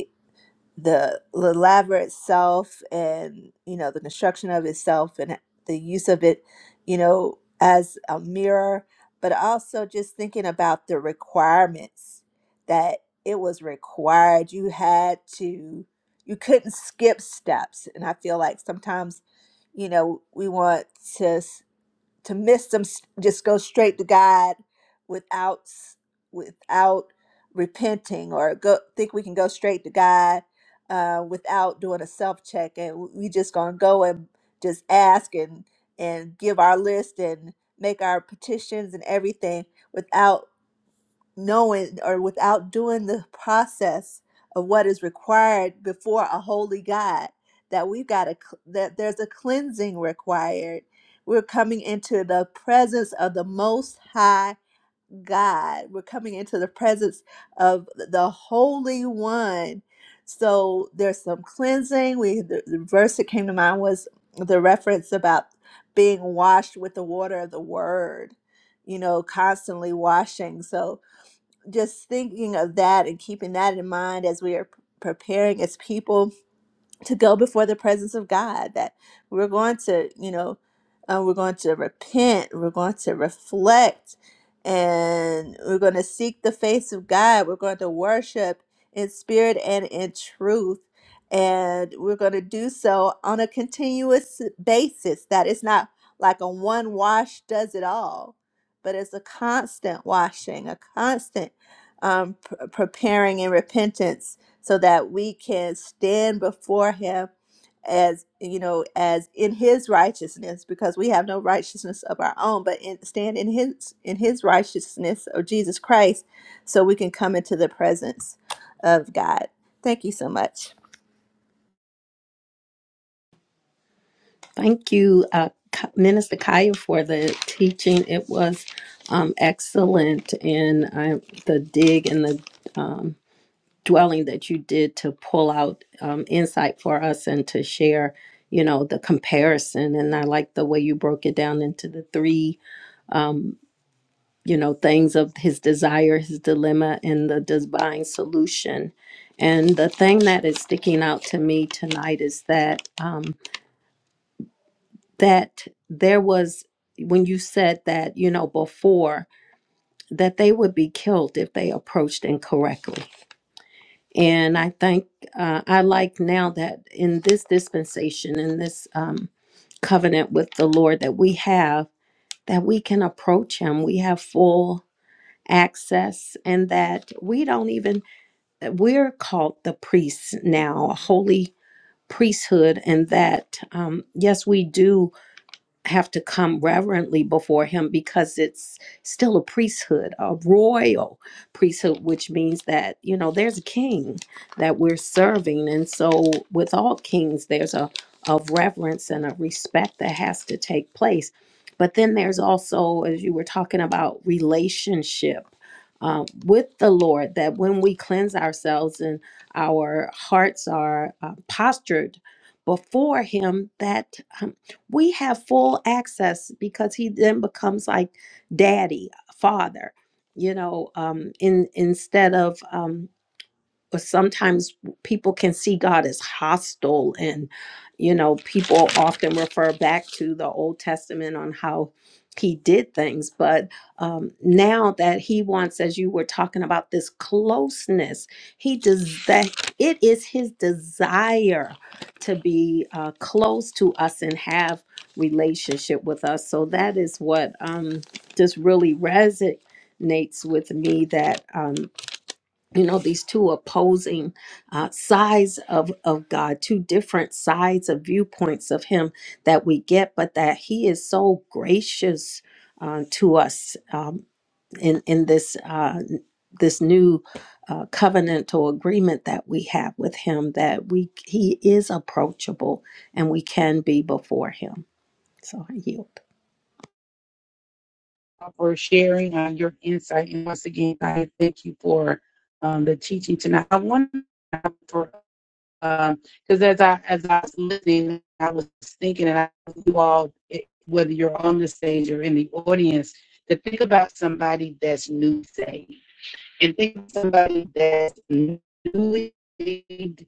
S6: the the laver itself and you know the construction of itself and the use of it you know as a mirror but also just thinking about the requirements that it was required you had to you couldn't skip steps and i feel like sometimes you know we want to to miss them s- just go straight to god without s- without repenting or go think we can go straight to god uh, without doing a self check and we just gonna go and just ask and and give our list and make our petitions and everything without knowing or without doing the process of what is required before a holy God that we've got a cl- that there's a cleansing required we're coming into the presence of the most high God we're coming into the presence of the holy one so there's some cleansing we the, the verse that came to mind was the reference about being washed with the water of the word you know constantly washing so just thinking of that and keeping that in mind as we are p- preparing as people to go before the presence of God, that we're going to, you know, uh, we're going to repent, we're going to reflect, and we're going to seek the face of God. We're going to worship in spirit and in truth. And we're going to do so on a continuous basis. That it's not like a one wash does it all, but it's a constant washing, a constant um, pr- preparing and repentance so that we can stand before him as you know as in his righteousness because we have no righteousness of our own but in, stand in his in his righteousness of jesus christ so we can come into the presence of god thank you so much
S2: Thank you, uh, K- Minister Kaya, for the teaching. It was um, excellent, and I, the dig and the um, dwelling that you did to pull out um, insight for us and to share, you know, the comparison. And I like the way you broke it down into the three, you know, things of his desire, his dilemma, and the divine solution. And the thing that is sticking out to me tonight is that. Um, that there was when you said that you know before that they would be killed if they approached incorrectly and i think uh, i like now that in this dispensation in this um, covenant with the lord that we have that we can approach him we have full access and that we don't even we're called the priests now a holy priesthood and that um, yes we do have to come reverently before him because it's still a priesthood, a royal priesthood, which means that, you know, there's a king that we're serving. And so, with all kings, there's a of reverence and a respect that has to take place. But then there's also, as you were talking about, relationship um, with the Lord, that when we cleanse ourselves and our hearts are uh, postured before Him, that we have full access because he then becomes like daddy, father, you know, um, in instead of um, but sometimes people can see God as hostile. And, you know, people often refer back to the Old Testament on how he did things. But um, now that he wants, as you were talking about, this closeness, he does that. It is his desire to be uh, close to us and have relationship with us. So that is what um, just really resonates with me that. Um, you know these two opposing uh, sides of of god two different sides of viewpoints of him that we get but that he is so gracious uh, to us um, in in this uh, this new uh, covenantal agreement that we have with him that we he is approachable and we can be before him so i yield
S1: for sharing uh, your insight. And once again, I thank you for um, the teaching tonight. I want um because as i as i was listening i was thinking and i you all it- whether you're on the stage or in the audience to think about somebody that's new saved and think of somebody that's newly saved,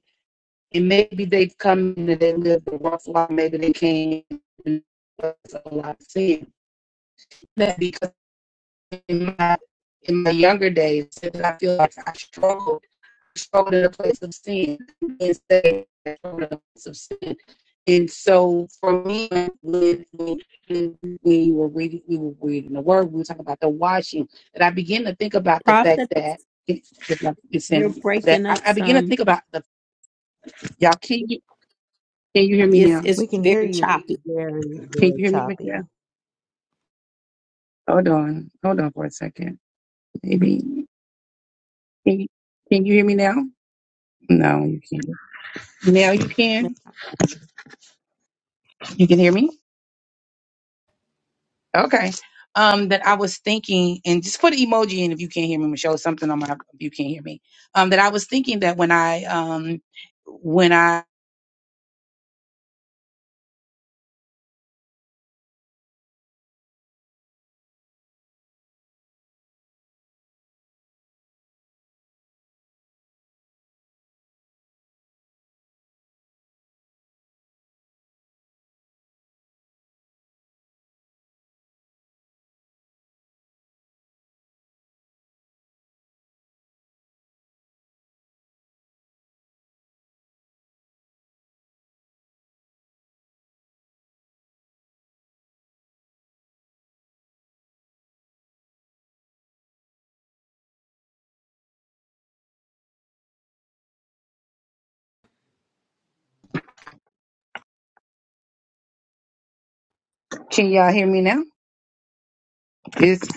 S1: and maybe they've come in and they lived a rough life maybe they came in with a lot of sin that because in my in my younger days i feel like i struggled thrown in a place of sin and say thrown in a place of sin. And so for me, when, when we were reading, we were reading the word, we were talking about the washing, and I began to think about the fact
S2: prophet
S1: that it's, it's
S2: you're
S1: in, that
S2: breaking
S1: I,
S2: up
S1: I began to
S2: some
S1: think about the y'all. Can you can you hear me
S2: it's
S1: now?
S2: it's
S4: We can hear
S2: very
S4: you just
S2: choppy
S4: very,
S1: Can
S4: very
S1: you hear me,
S4: choppy.
S1: Michelle? Hold on, hold on for a second. Maybe can you, can you hear me now? No, you can't. Now you can. You can hear me. Okay. Um, that I was thinking, and just put an emoji in if you can't hear me, Michelle. Something on my if you can't hear me. Um, that I was thinking that when I um when I can y'all hear me now? It's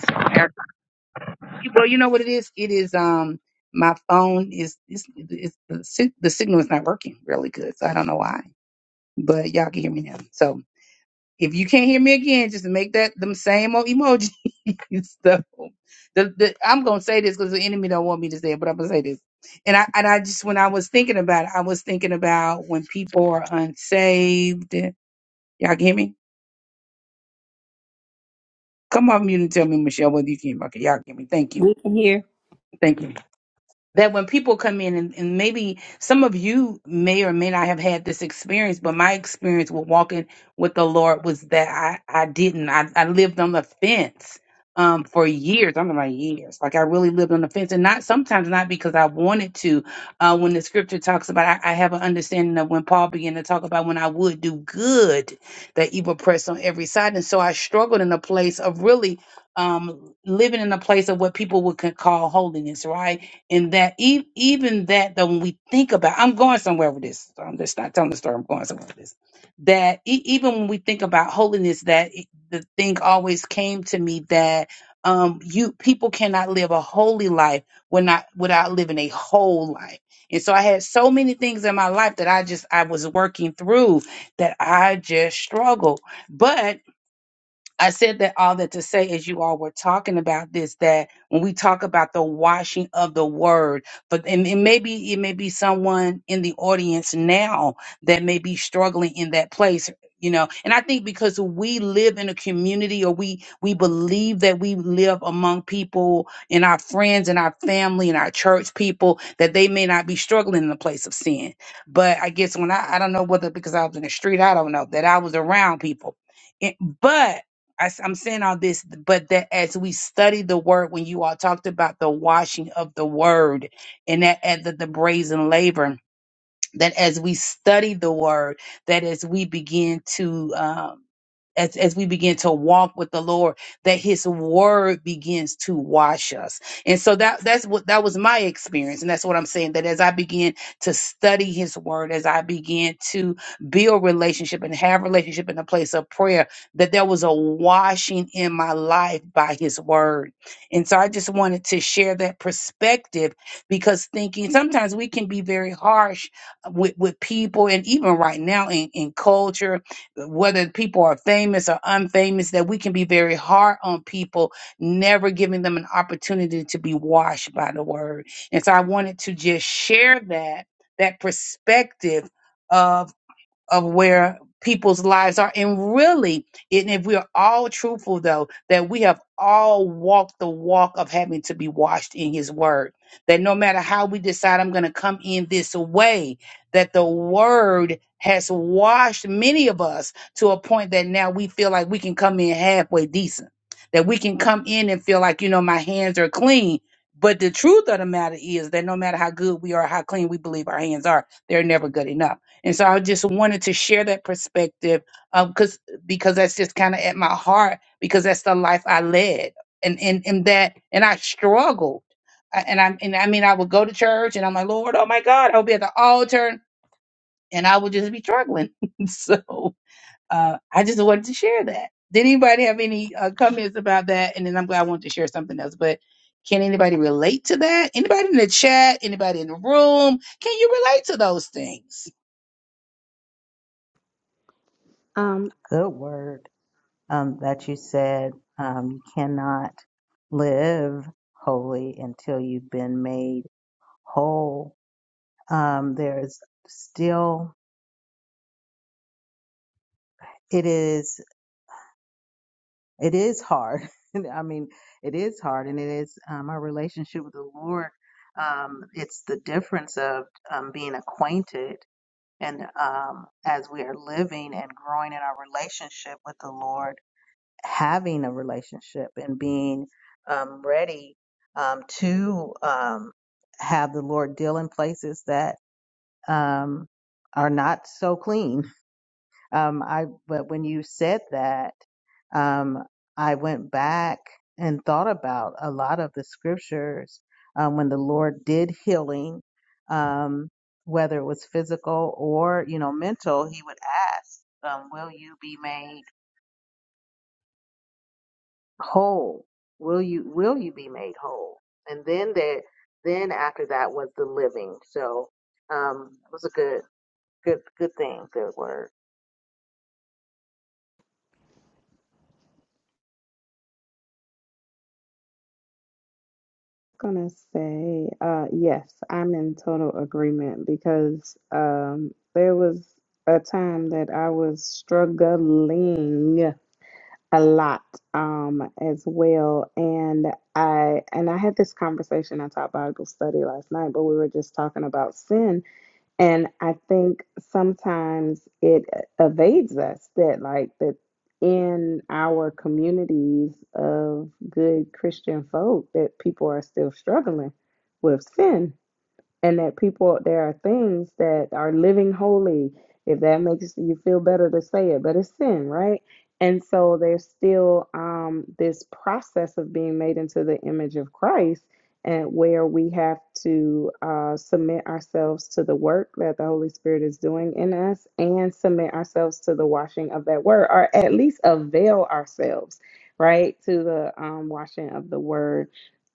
S1: well, you know what it is. It is um my phone is is is the, sig- the signal is not working really good, so I don't know why, but y'all can hear me now. So if you can't hear me again, just make that them same old emojis. so the, the I'm gonna say this because the enemy don't want me to say it, but I'm gonna say this. And I and I just when I was thinking about it, I was thinking about when people are unsaved. Y'all can hear me? Come off mute and tell me, Michelle, whether you can. Okay, y'all can hear me. Thank you.
S2: we can hear
S1: Thank you. that when people come in and, and maybe some of you may or may not have had this experience but my experience with walking with the lord was that i, I didn't I, I lived on the fence um, for years i'm like years like i really lived on the fence and not sometimes not because i wanted to uh, when the scripture talks about I, I have an understanding of when paul began to talk about when i would do good that evil pressed on every side and so i struggled in a place of really um, living in a place of what people would could call holiness right and that e- even that that when we think about i'm going somewhere with this i'm just not telling the story i'm going somewhere with this that e- even when we think about holiness that it- the thing always came to me that um you people cannot live a holy life when not without living a whole life and so i had so many things in my life that i just i was working through that i just struggled but. I said that all that to say, as you all were talking about this, that when we talk about the washing of the word, but and, and maybe it may be someone in the audience now that may be struggling in that place, you know. And I think because we live in a community, or we we believe that we live among people in our friends and our family and our church people, that they may not be struggling in the place of sin. But I guess when I I don't know whether because I was in the street, I don't know that I was around people, It- but. I, am saying all this, but that as we study the word, when you all talked about the washing of the word and that at the, the brazen labor, that as we study the word, that as we begin to um, as, as we begin to walk with the Lord, that His Word begins to wash us, and so that that's what that was my experience, and that's what I'm saying. That as I begin to study His Word, as I began to build relationship and have relationship in a place of prayer, that there was a washing in my life by His Word, and so I just wanted to share that perspective because thinking sometimes we can be very harsh with, with people and even right now in, in culture, whether people are famous or unfamous, that we can be very hard on people, never giving them an opportunity to be washed by the word. And so I wanted to just share that, that perspective of of where people's lives are. And really, and if we're all truthful, though, that we have all walked the walk of having to be washed in His Word. That no matter how we decide I'm going to come in this way, that the Word has washed many of us to a point that now we feel like we can come in halfway decent. That we can come in and feel like, you know, my hands are clean. But the truth of the matter is that no matter how good we are, how clean we believe our hands are, they're never good enough and so I just wanted to share that perspective because because that's just kind of at my heart because that's the life I led and and and that and I struggled I- and I and I mean I would go to church and I'm like Lord oh my God I'll be at the altar and I would just be struggling so uh, I just wanted to share that. Did anybody have any uh, comments about that? And then I'm glad I wanted to share something else, but. Can anybody relate to that? Anybody in the chat? Anybody in the room? Can you relate to those things?
S5: Um.
S4: Good word. um, that you said um, you cannot live holy until you've been made whole. Um, there's still it is it is hard. I mean, it is hard, and it is um, our relationship with the Lord. Um, it's the difference of um, being acquainted and um, as we are living and growing in our relationship with the Lord having a relationship and being um, ready um, to um, have the Lord deal in places that um, are not so clean. Um, I but when you said that, um, I went back and thought about a lot of the scriptures um, when the Lord did healing, um, whether it was physical or you know mental. He would ask, um, "Will you be made?" whole will you will you be made whole and then there then after that was the living so um it was a good good good thing good word
S5: gonna say, uh, yes, I'm in total agreement because um, there was a time that I was struggling a lot um, as well, and I and I had this conversation at Top Bible Study last night, but we were just talking about sin and I think sometimes it uh, evades us that, like, that in our communities of good Christian folk, that people are still struggling with sin and that people there are things that are living holy if that makes you feel better to say it but it's sin right and so there's still um, this process of being made into the image of christ and where we have to uh, submit ourselves to the work that the holy spirit is doing in us and submit ourselves to the washing of that word or at least avail ourselves right to the um, washing of the word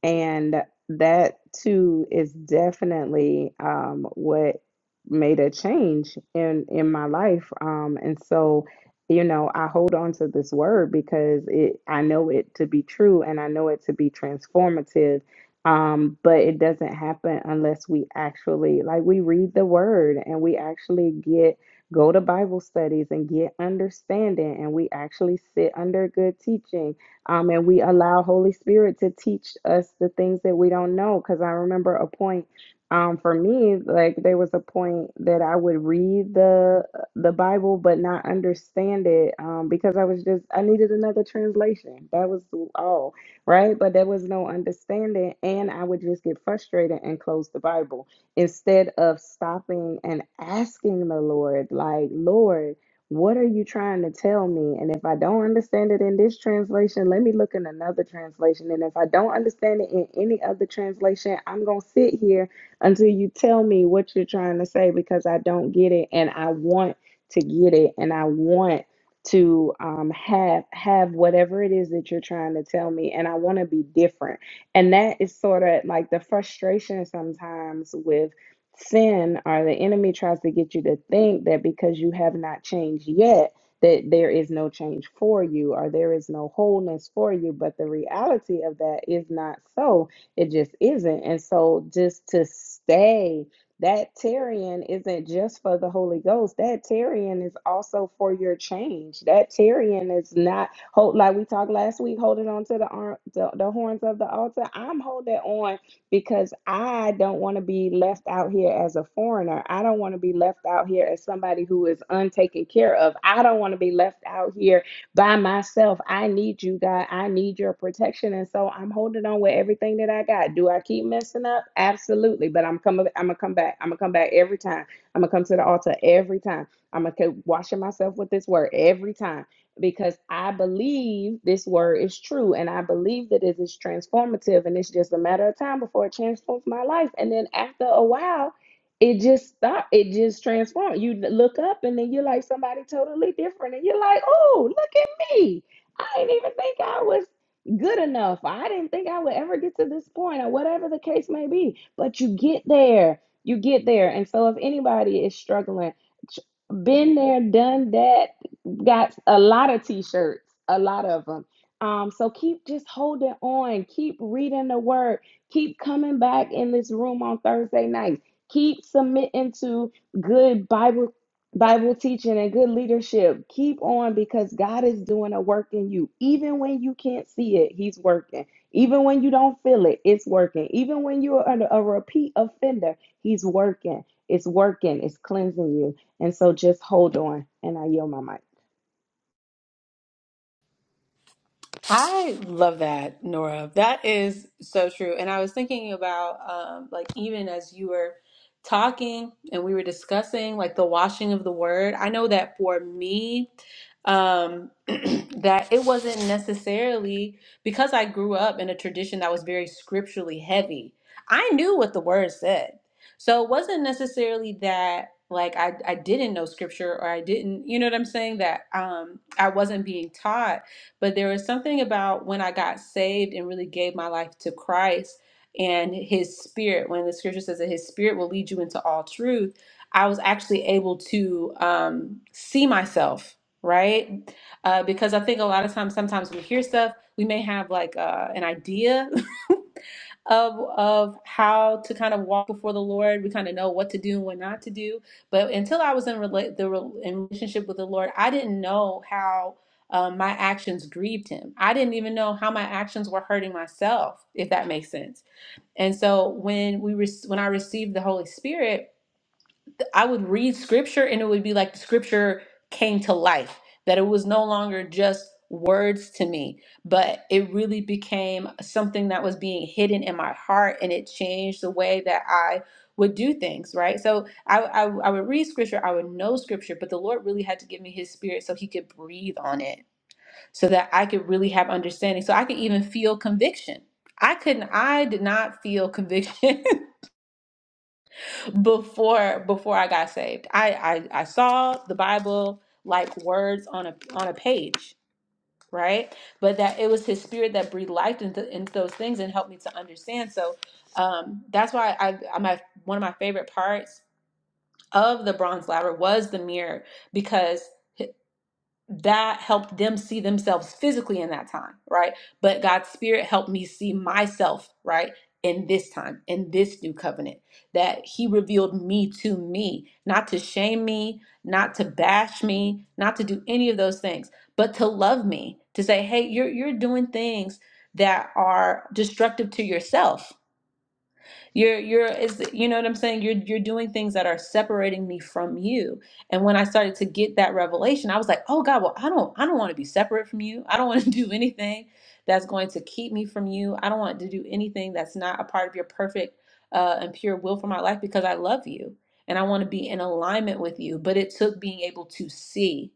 S5: and that too is definitely um, what made a change in in my life um and so you know i hold on to this word because it i know it to be true and i know it to be transformative um but it doesn't happen unless we actually like we read the word and we actually get go to bible studies and get understanding and we actually sit under good teaching um, and we allow Holy Spirit to teach us the things that we don't know. Because I remember a point um, for me, like there was a point that I would read the the Bible but not understand it um, because I was just I needed another translation. That was all right, but there was no understanding, and I would just get frustrated and close the Bible instead of stopping and asking the Lord, like Lord. What are you trying to tell me? And if I don't understand it in this translation, let me look in another translation. And if I don't understand it in any other translation, I'm going to sit here until you tell me what you're trying to say because I don't get it and I want to get it and I want to um, have have whatever it is that you're trying to tell me and I want to be different. And that is sort of like the frustration sometimes with sin or the enemy tries to get you to think that because you have not changed yet that there is no change for you or there is no wholeness for you but the reality of that is not so it just isn't and so just to stay that tarrying isn't just for the holy ghost that tarrying is also for your change that tarrying is not hold like we talked last week holding on to the arm the, the horns of the altar i'm holding on because I don't want to be left out here as a foreigner. I don't want to be left out here as somebody who is untaken care of. I don't want to be left out here by myself. I need you, God. I need your protection. And so I'm holding on with everything that I got. Do I keep messing up? Absolutely. But I'm coming, I'm gonna come back. I'm gonna come back every time. I'm gonna come to the altar every time. I'm gonna keep washing myself with this word every time because I believe this word is true and I believe that it is transformative and it's just a matter of time before it transforms my life. And then after a while, it just stop. It just transforms. You look up and then you're like somebody totally different, and you're like, "Oh, look at me! I didn't even think I was good enough. I didn't think I would ever get to this point, or whatever the case may be." But you get there. You get there. And so, if anybody is struggling, been there, done that got a lot of t-shirts a lot of them um so keep just holding on keep reading the word keep coming back in this room on thursday nights keep submitting to good bible bible teaching and good leadership keep on because god is doing a work in you even when you can't see it he's working even when you don't feel it it's working even when you're a, a repeat offender he's working it's working it's cleansing you and so just hold on and i yield my mic
S3: I love that, Nora. That is so true. And I was thinking about, um, like, even as you were talking and we were discussing, like, the washing of the word, I know that for me, um, that it wasn't necessarily because I grew up in a tradition that was very scripturally heavy. I knew what the word said. So it wasn't necessarily that. Like I, I didn't know scripture or I didn't, you know what I'm saying? That um I wasn't being taught but there was something about when I got saved and really gave my life to Christ and his spirit, when the scripture says that his spirit will lead you into all truth, I was actually able to um, see myself, right? Uh, because I think a lot of times, sometimes we hear stuff, we may have like uh, an idea of of how to kind of walk before the Lord. We kind of know what to do and what not to do. But until I was in rela- the rel- in relationship with the Lord, I didn't know how um, my actions grieved Him. I didn't even know how my actions were hurting myself, if that makes sense. And so when we re- when I received the Holy Spirit I would read scripture and it would be like the scripture came to life, that it was no longer just words to me, but it really became something that was being hidden in my heart and it changed the way that I would do things, right? So I, I, I would read scripture, I would know scripture, but the Lord really had to give me his spirit so he could breathe on it so that I could really have understanding, so I could even feel conviction. I couldn't, I did not feel conviction before before I got saved. I I, I saw the Bible like words on a on a page, right? But that it was His Spirit that breathed life into, into those things and helped me to understand. So um, that's why I, I my one of my favorite parts of the Bronze Ladder was the mirror because that helped them see themselves physically in that time, right? But God's spirit helped me see myself, right? In this time, in this new covenant, that He revealed me to me, not to shame me, not to bash me, not to do any of those things, but to love me, to say, hey, you're, you're doing things that are destructive to yourself you're you're is you know what I'm saying? You're you're doing things that are separating me from you. And when I started to get that revelation, I was like, "Oh God, well, I don't I don't want to be separate from you. I don't want to do anything that's going to keep me from you. I don't want to do anything that's not a part of your perfect uh, and pure will for my life because I love you and I want to be in alignment with you." But it took being able to see,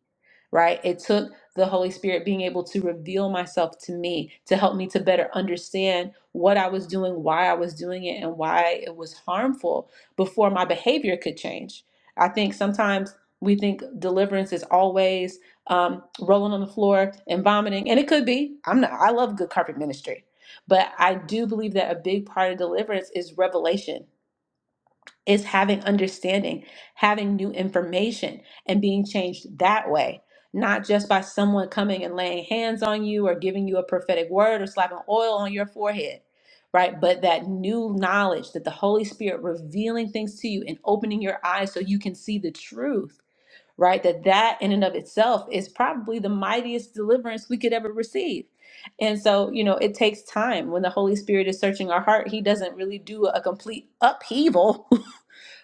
S3: right? It took the Holy Spirit being able to reveal myself to me, to help me to better understand what I was doing, why I was doing it, and why it was harmful before my behavior could change. I think sometimes we think deliverance is always um, rolling on the floor and vomiting, and it could be. I'm not. I love good carpet ministry, but I do believe that a big part of deliverance is revelation is having understanding, having new information, and being changed that way. Not just by someone coming and laying hands on you or giving you a prophetic word or slapping oil on your forehead, right? But that new knowledge that the Holy Spirit revealing things to you and opening your eyes so you can see the truth, right? That that in and of itself is probably the mightiest deliverance we could ever receive. And so, you know, it takes time. When the Holy Spirit is searching our heart, He doesn't really do a complete upheaval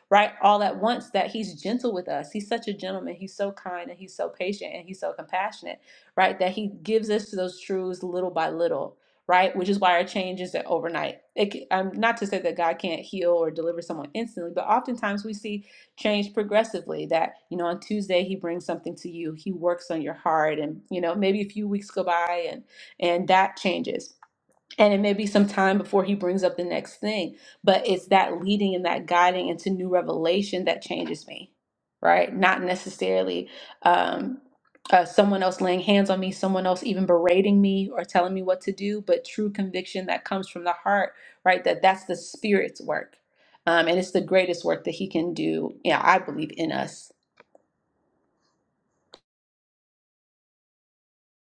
S3: right all at once that he's gentle with us he's such a gentleman he's so kind and he's so patient and he's so compassionate right that he gives us those truths little by little right which is why our change isn't overnight it, c- um, not to say that god can't heal or deliver someone instantly but oftentimes we see change progressively that you know on tuesday he brings something to you he works on your heart and you know maybe a few weeks go by and and that changes and it may be some time before he brings up the next thing but it's that leading and that guiding into new revelation that changes me right not necessarily um uh, someone else laying hands on me someone else even berating me or telling me what to do but true conviction that comes from the heart right that that's the spirit's work um, and it's the greatest work that he can do yeah i believe in us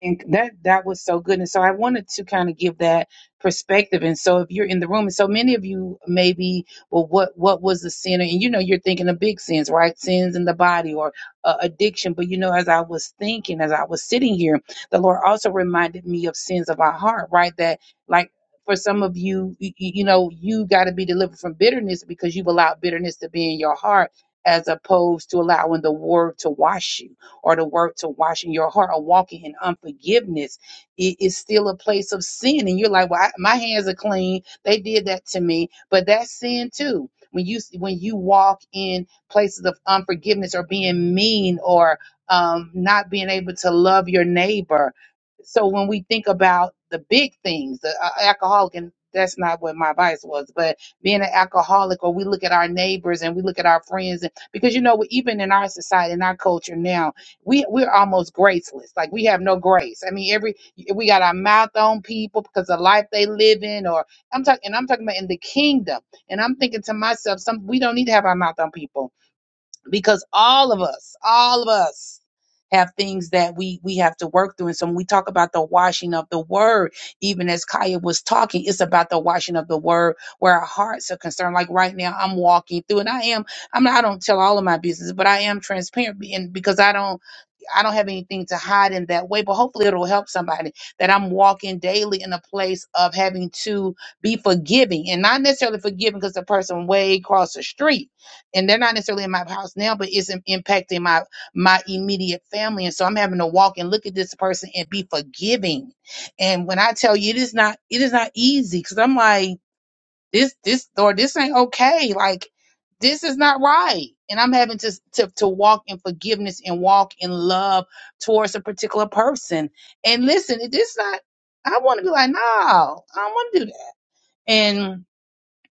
S1: And that that was so good. And so I wanted to kind of give that perspective. And so if you're in the room, and so many of you maybe, well, what what was the sin? And you know, you're thinking of big sins, right? Sins in the body or uh, addiction. But you know, as I was thinking, as I was sitting here, the Lord also reminded me of sins of our heart, right? That like for some of you, you, you know, you got to be delivered from bitterness because you've allowed bitterness to be in your heart, as opposed to allowing the Word to wash you or the work to washing your heart or walking in unforgiveness, it is still a place of sin. And you're like, well, I, my hands are clean. They did that to me, but that's sin too. When you when you walk in places of unforgiveness or being mean or um, not being able to love your neighbor, so when we think about the big things, the uh, alcoholic, and that's not what my advice was, but being an alcoholic, or we look at our neighbors and we look at our friends, and, because you know, even in our society, in our culture now, we we're almost graceless. Like we have no grace. I mean, every we got our mouth on people because the life they live in, or I'm talking, and I'm talking about in the kingdom. And I'm thinking to myself, some we don't need to have our mouth on people because all of us, all of us have things that we we have to work through. And so when we talk about the washing of the word, even as Kaya was talking, it's about the washing of the word where our hearts are concerned. Like right now, I'm walking through, and I am. I'm I don't tell all of my business, but I am transparent, and because I don't. I don't have anything to hide in that way, but hopefully it'll help somebody that I'm walking daily in a place of having to be forgiving and not necessarily forgiving because the person way across the street and they're not necessarily in my house now, but it's im- impacting my my immediate family. And so I'm having to walk and look at this person and be forgiving. And when I tell you it is not it is not easy because I'm like this this or this ain't okay. Like this is not right. And I'm having to to to walk in forgiveness and walk in love towards a particular person. And listen, this not I want to be like, no, I don't want to do that. And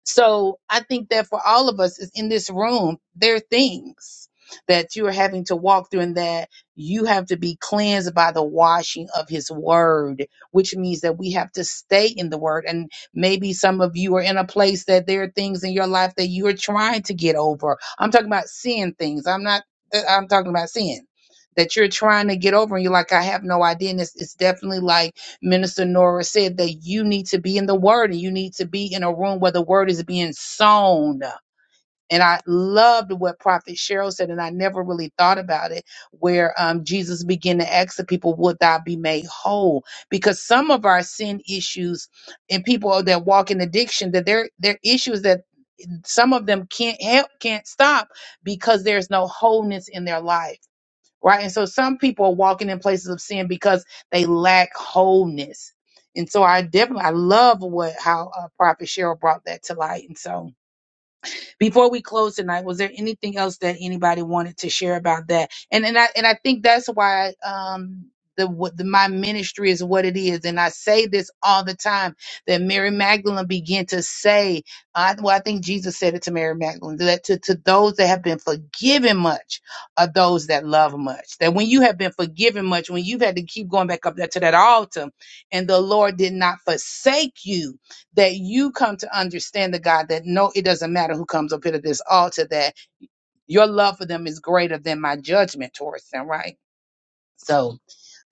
S1: so I think that for all of us is in this room, there are things that you are having to walk through and that you have to be cleansed by the washing of his word, which means that we have to stay in the word. And maybe some of you are in a place that there are things in your life that you are trying to get over. I'm talking about sin things. I'm not I'm talking about sin that you're trying to get over and you're like, I have no idea. And it's, it's definitely like Minister Nora said that you need to be in the word and you need to be in a room where the word is being sown. And I loved what Prophet Cheryl said, and I never really thought about it, where um, Jesus began to ask the people, Would thou be made whole? Because some of our sin issues and people that walk in addiction, that their their issues that some of them can't help, can't stop because there's no wholeness in their life right? And so some people are walking in places of sin because they lack wholeness. And so I definitely I love what how uh, Prophet Cheryl brought that to light. And so before we close tonight, was there anything else that anybody wanted to share about that? And and I and I think that's why um the, what the my ministry is what it is, and I say this all the time that Mary Magdalene began to say, I, well, I think Jesus said it to Mary Magdalene that to, to those that have been forgiven much are those that love much. That when you have been forgiven much, when you've had to keep going back up there to that altar, and the Lord did not forsake you, that you come to understand the God that no, it doesn't matter who comes up here to this altar, that your love for them is greater than my judgment towards them, right? So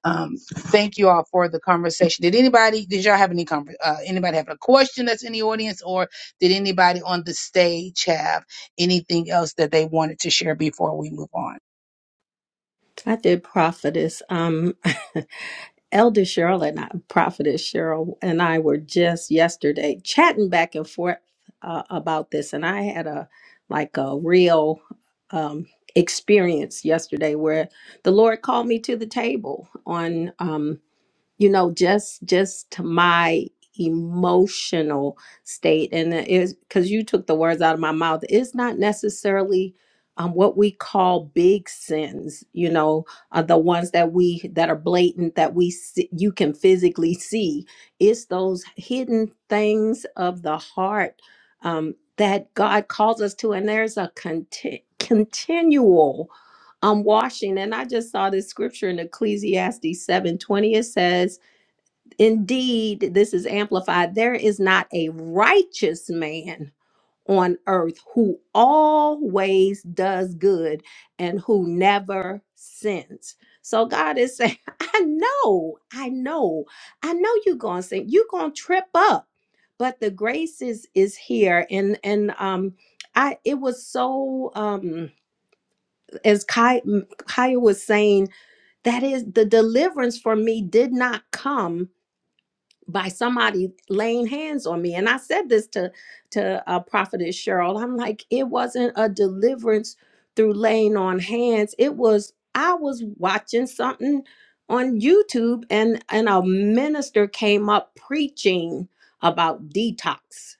S1: um thank you all for the conversation. Did anybody did y'all have any conver- uh, anybody have a question that's in the audience or did anybody on the stage have anything else that they wanted to share before we move on?
S2: I did prophetess. Um, Elder Cheryl and I, prophetess Cheryl and I were just yesterday chatting back and forth uh, about this, and I had a like a real um, experience yesterday where the Lord called me to the table on. Um, you know just just to my emotional state and it is because you took the words out of my mouth it's not necessarily um, what we call big sins you know uh, the ones that we that are blatant that we see, you can physically see it's those hidden things of the heart um, that god calls us to and there's a conti- continual um, washing and i just saw this scripture in ecclesiastes 7 20. it says Indeed, this is amplified. There is not a righteous man on earth who always does good and who never sins. So God is saying, I know, I know, I know you're gonna sin. You're gonna trip up, but the grace is is here. And and um I it was so um as Kai Kaya was saying, that is the deliverance for me did not come by somebody laying hands on me. And I said this to to uh, Prophetess Cheryl. I'm like, it wasn't a deliverance through laying on hands. It was I was watching something on YouTube, and and a minister came up preaching about detox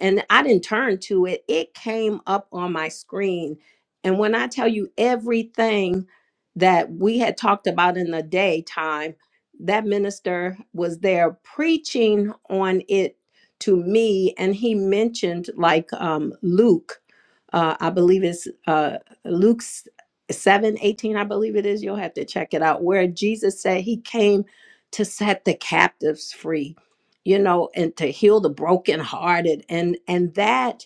S2: and I didn't turn to it. It came up on my screen. And when I tell you everything that we had talked about in the daytime, that minister was there preaching on it to me. And he mentioned, like, um, Luke, uh, I believe it's uh, Luke's. 7 18, i believe it is you'll have to check it out where jesus said he came to set the captives free you know and to heal the brokenhearted and and that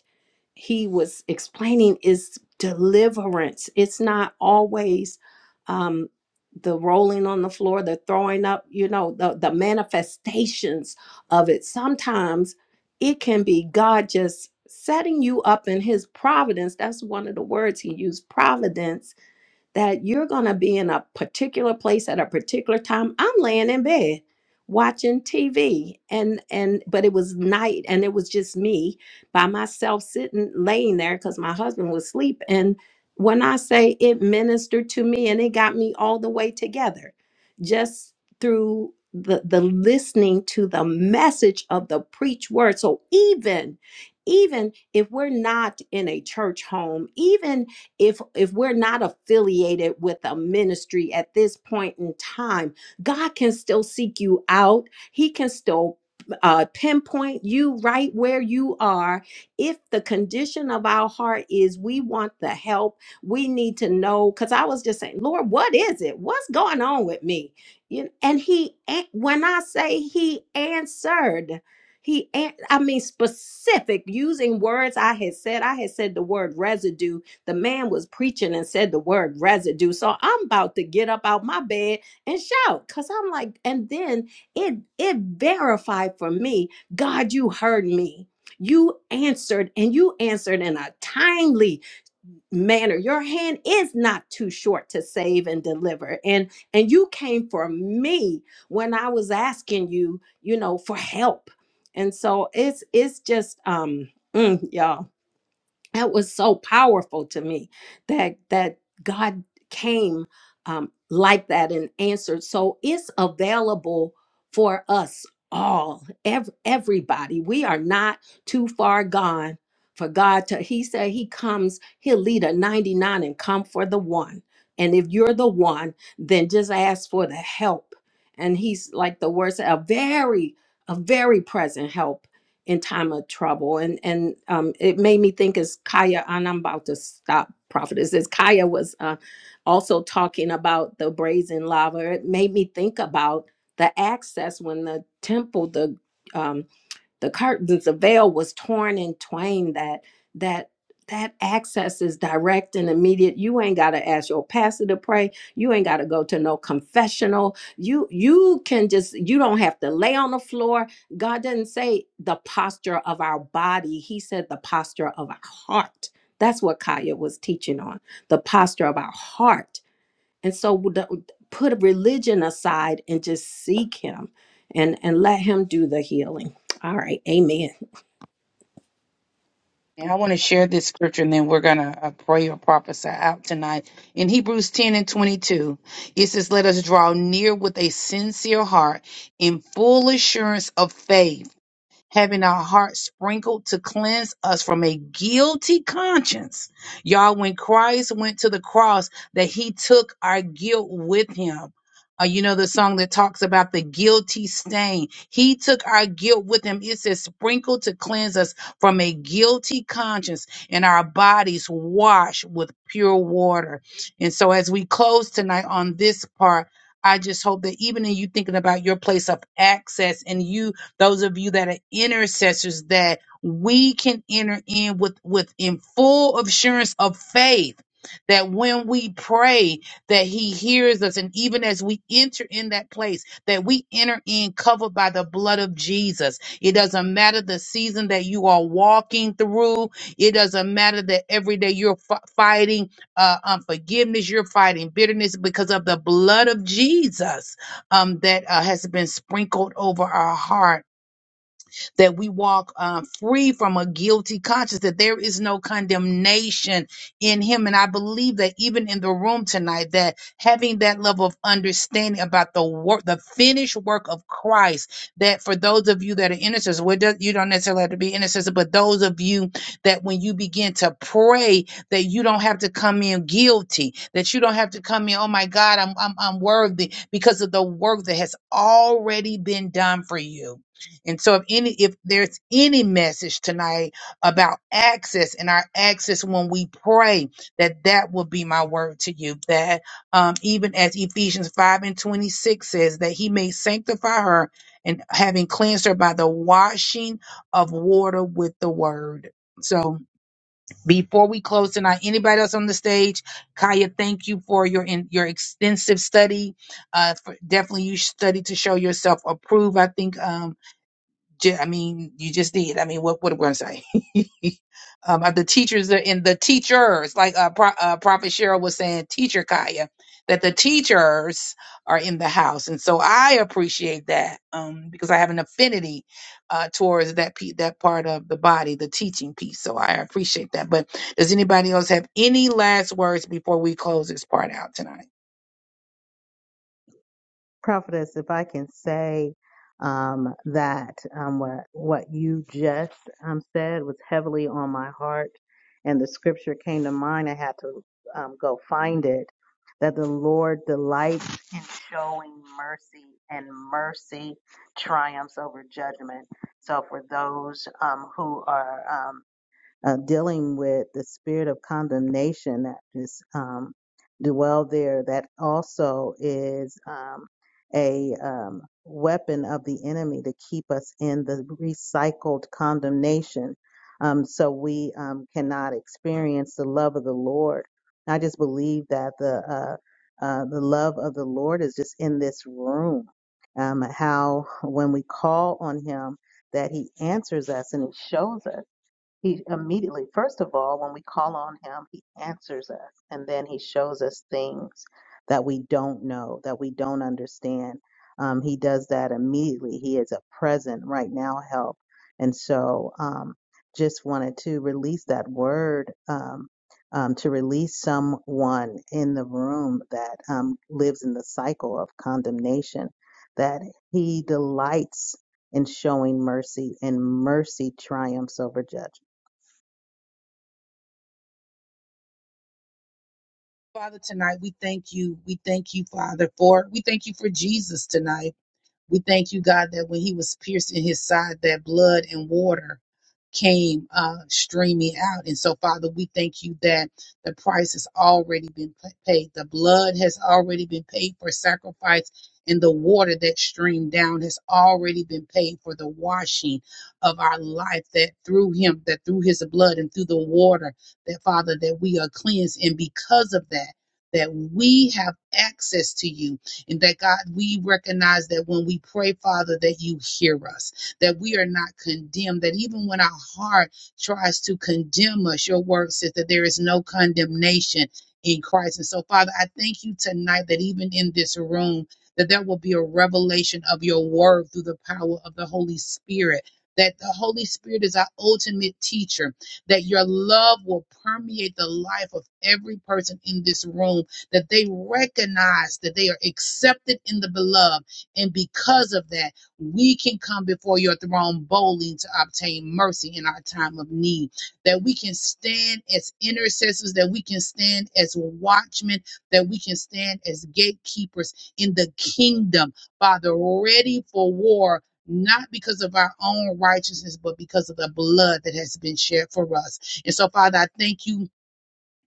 S2: he was explaining is deliverance it's not always um the rolling on the floor the throwing up you know the the manifestations of it sometimes it can be god just setting you up in his providence that's one of the words he used providence that you're going to be in a particular place at a particular time. I'm laying in bed watching TV and and but it was night and it was just me by myself sitting laying there cuz my husband was asleep and when I say it ministered to me and it got me all the way together just through the the listening to the message of the preach word so even even if we're not in a church home even if if we're not affiliated with a ministry at this point in time god can still seek you out he can still uh, pinpoint you right where you are. If the condition of our heart is we want the help, we need to know. Because I was just saying, Lord, what is it? What's going on with me? You know, and He, an- when I say He answered, He, an- I mean specific, using words I had said. I had said the word residue the man was preaching and said the word residue. So I'm about to get up out my bed and shout. Cause I'm like, and then it it verified for me, God, you heard me. You answered and you answered in a timely manner. Your hand is not too short to save and deliver. And and you came for me when I was asking you, you know, for help. And so it's it's just um mm, y'all that was so powerful to me that that god came um, like that and answered so it's available for us all ev- everybody we are not too far gone for god to he said he comes he'll lead a 99 and come for the one and if you're the one then just ask for the help and he's like the words a very a very present help in time of trouble. And and um, it made me think as Kaya, and I'm about to stop, prophetess, as Kaya was uh, also talking about the brazen lava, it made me think about the access when the temple, the um, the curtains the veil was torn in twain that that that access is direct and immediate you ain't got to ask your pastor to pray you ain't got to go to no confessional you you can just you don't have to lay on the floor god didn't say the posture of our body he said the posture of our heart that's what kaya was teaching on the posture of our heart and so w- the- put religion aside and just seek him and, and let him do the healing. All right. Amen.
S1: And I want to share this scripture and then we're going to uh, pray or prophesy out tonight. In Hebrews 10 and 22, it says, Let us draw near with a sincere heart in full assurance of faith having our hearts sprinkled to cleanse us from a guilty conscience. Y'all, when Christ went to the cross, that he took our guilt with him. Uh, you know the song that talks about the guilty stain. He took our guilt with him. It says, sprinkled to cleanse us from a guilty conscience and our bodies washed with pure water. And so, as we close tonight on this part, I just hope that even in you thinking about your place of access and you those of you that are intercessors, that we can enter in with, with in full assurance of faith that when we pray that he hears us and even as we enter in that place that we enter in covered by the blood of jesus it doesn't matter the season that you are walking through it doesn't matter that every day you're f- fighting uh, unforgiveness you're fighting bitterness because of the blood of jesus um, that uh, has been sprinkled over our heart that we walk uh, free from a guilty conscience, that there is no condemnation in Him. And I believe that even in the room tonight, that having that level of understanding about the work, the finished work of Christ, that for those of you that are intercessors, well, it does- you don't necessarily have to be intercessor, but those of you that when you begin to pray, that you don't have to come in guilty, that you don't have to come in, oh my God, I'm I'm, I'm worthy because of the work that has already been done for you and so if any if there's any message tonight about access and our access when we pray, that that will be my word to you. That um, even as Ephesians 5 and 26 says that he may sanctify her and having cleansed her by the washing of water with the word. So before we close tonight, anybody else on the stage, Kaya, thank you for your in, your extensive study. Uh, for, definitely you study to show yourself approved. I think um, ju- I mean, you just did. I mean, what what am I going to say? um, uh, the teachers are in the teachers, like uh, Pro, uh, Prophet Cheryl was saying, teacher Kaya, that the teachers are in the house, and so I appreciate that um, because I have an affinity uh, towards that pe- that part of the body, the teaching piece. So I appreciate that. But does anybody else have any last words before we close this part out tonight?
S4: Prophetess, if I can say um, that um, what what you just um, said was heavily on my heart, and the scripture came to mind. I had to um, go find it. That the Lord delights in showing mercy, and mercy triumphs over judgment. So for those um, who are um, uh, dealing with the spirit of condemnation that is um, dwell there. That also is um, a um, weapon of the enemy to keep us in the recycled condemnation, um, so we um, cannot experience the love of the Lord. I just believe that the uh, uh, the love of the Lord is just in this room. Um, how when we call on Him, that He answers us and He shows us. He immediately, first of all, when we call on him, he answers us and then he shows us things that we don't know, that we don't understand. Um, he does that immediately. He is a present right now help. And so um, just wanted to release that word um, um, to release someone in the room that um, lives in the cycle of condemnation, that he delights in showing mercy and mercy triumphs over judgment.
S1: Father, tonight we thank you. We thank you, Father, for we thank you for Jesus tonight. We thank you, God, that when he was pierced in his side, that blood and water came uh, streaming out. And so, Father, we thank you that the price has already been pa- paid. The blood has already been paid for sacrifice, and the water that streamed down has already been paid for the washing of our life. That through Him, that through His blood and through the water, that Father, that we are cleansed. And because of that, that we have access to you, and that God, we recognize that when we pray, Father, that you hear us that we are not condemned, that even when our heart tries to condemn us, your word says that there is no condemnation in Christ. And so, Father, I thank you tonight that even in this room, that there will be a revelation of your word through the power of the Holy Spirit. That the Holy Spirit is our ultimate teacher, that your love will permeate the life of every person in this room, that they recognize that they are accepted in the beloved. And because of that, we can come before your throne boldly to obtain mercy in our time of need, that we can stand as intercessors, that we can stand as watchmen, that we can stand as gatekeepers in the kingdom, Father, ready for war. Not because of our own righteousness, but because of the blood that has been shed for us. And so, Father, I thank you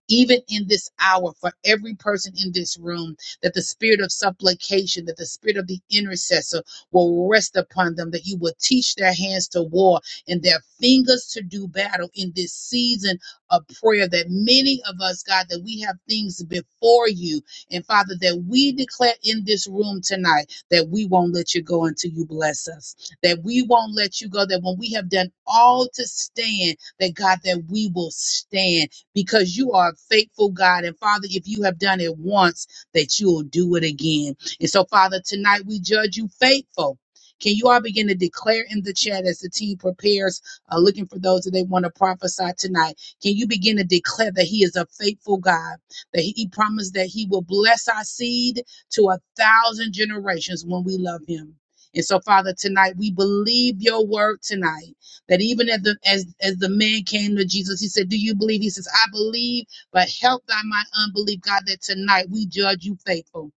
S1: even in this hour for every person in this room that the spirit of supplication that the spirit of the intercessor will rest upon them that you will teach their hands to war and their fingers to do battle in this season of prayer that many of us god that we have things before you and father that we declare in this room tonight that we won't let you go until you bless us that we won't let you go that when we have done all to stand that god that we will stand because you are a faithful God. And Father, if you have done it once, that you will do it again. And so, Father, tonight we judge you faithful. Can you all begin to declare in the chat as the team prepares, uh, looking for those that they want to prophesy tonight? Can you begin to declare that He is a faithful God, that He, he promised that He will bless our seed to a thousand generations when we love Him? And so, Father, tonight we believe your word tonight. That even as the as as the man came to Jesus, he said, "Do you believe?" He says, "I believe, but help thy my unbelief, God." That tonight we judge you faithful.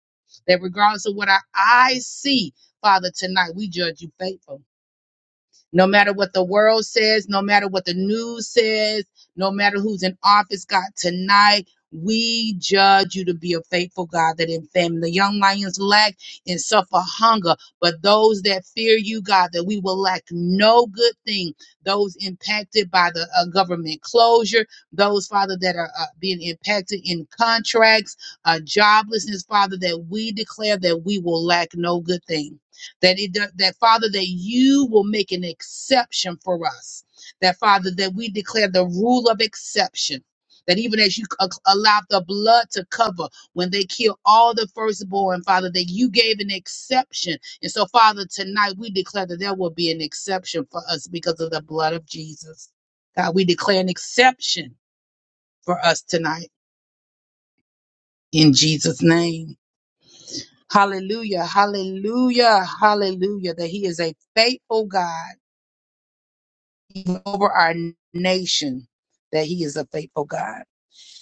S1: That regardless of what our eyes see, Father, tonight we judge you faithful. No matter what the world says, no matter what the news says, no matter who's in office, God, tonight we judge you to be a faithful God that in famine the young lions lack and suffer hunger, but those that fear you, God, that we will lack no good thing. Those impacted by the uh, government closure, those, Father, that are uh, being impacted in contracts, uh, joblessness, Father, that we declare that we will lack no good thing that it that father that you will make an exception for us that father that we declare the rule of exception that even as you c- allow the blood to cover when they kill all the firstborn, Father, that you gave an exception. And so, Father, tonight we declare that there will be an exception for us because of the blood of Jesus. God, we declare an exception for us tonight in Jesus' name. Hallelujah, hallelujah, hallelujah, that He is a faithful God even over our nation that he is a faithful God.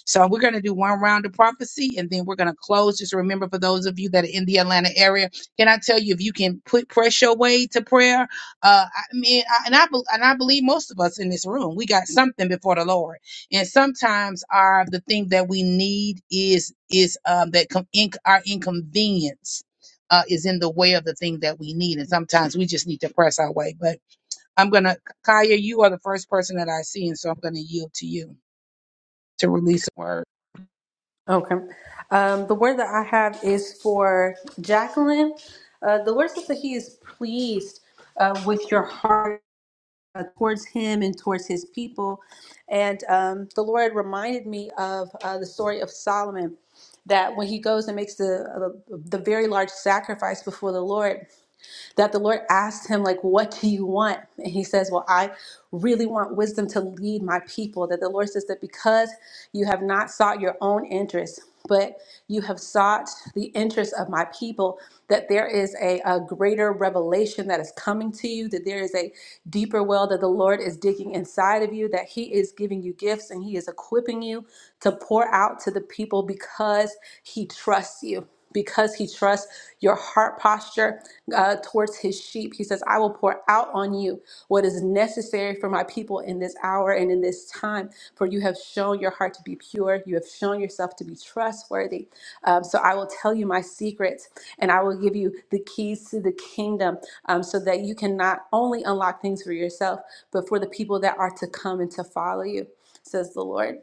S1: So we're going to do one round of prophecy and then we're going to close. Just remember for those of you that are in the Atlanta area, can I tell you if you can put press your way to prayer? Uh, I mean, I, and I bel- and I believe most of us in this room, we got something before the Lord. And sometimes our the thing that we need is is um, that com- inc- our inconvenience. Uh, is in the way of the thing that we need, and sometimes we just need to press our way. But I'm gonna Kaya, you are the first person that I see, and so I'm gonna yield to you to release a word.
S3: Okay. Um, the word that I have is for Jacqueline. Uh, the word says that he is pleased uh, with your heart uh, towards him and towards his people. And um, the Lord reminded me of uh, the story of Solomon that when he goes and makes the, uh, the very large sacrifice before the Lord, that the Lord asked him, like, what do you want? And he says, well, I really want wisdom to lead my people. That the Lord says that because you have not sought your own interests, but you have sought the interests of my people, that there is a, a greater revelation that is coming to you, that there is a deeper well that the Lord is digging inside of you, that He is giving you gifts and He is equipping you to pour out to the people because He trusts you. Because he trusts your heart posture uh, towards his sheep. He says, I will pour out on you what is necessary for my people faithful in this hour and in this time, for you have shown your heart to be pure. You have shown yourself to be trustworthy. Um, so I will tell you my secrets and I will give you the keys to the kingdom um, so that you can not only unlock things for yourself, but for the people that are to come and to follow you, says the Lord.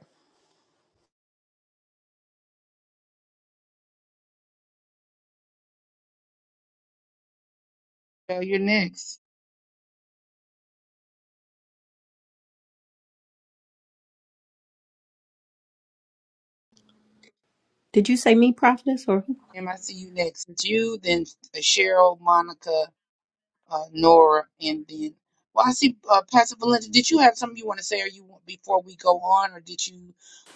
S1: So you're next.
S2: Did you say me, prophetess, or who?
S1: Em, I see you next. It's you, then uh, Cheryl, Monica, uh, Nora, and then well, I see uh, Pastor Valencia, Did you have something you want to say, or you want before we go on, or did you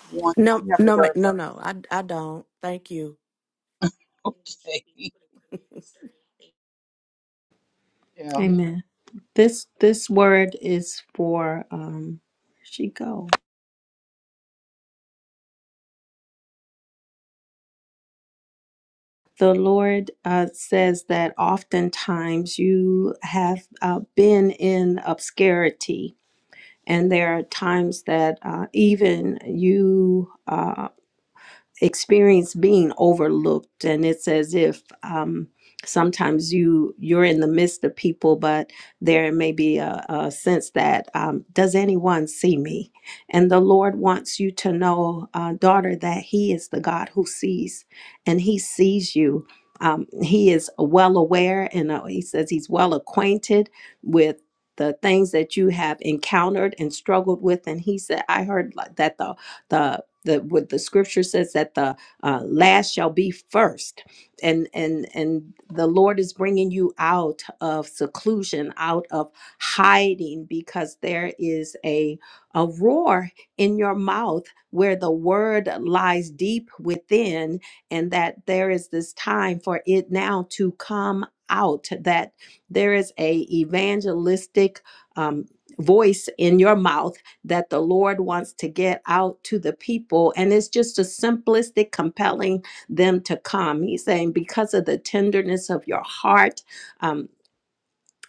S1: want
S7: No,
S1: you have a
S7: no, ma-
S1: word?
S7: no, no. I, I don't. Thank you.
S1: Okay, yeah,
S2: Amen. This this word is for um where'd she go? The Lord uh, says that oftentimes you have uh, been in obscurity, and there are times that uh, even you uh, experience being overlooked and it's as if um, sometimes you you're in the midst of people but there may be a, a sense that um, does anyone see me and the lord wants you to know uh, daughter that he is the god who sees and he sees you um, he is well aware and uh, he says he's well acquainted with the things that you have encountered and struggled with and he said i heard like that the the the what the scripture says that the uh, last shall be first and and and the lord is bringing you out of seclusion out of hiding because there is a a roar in your mouth where the word lies deep within and that there is this time for it now to come out that there is a evangelistic um, voice in your mouth that the Lord wants to get out to the people. And it's just a simplistic compelling them to come. He's saying, because of the tenderness of your heart, um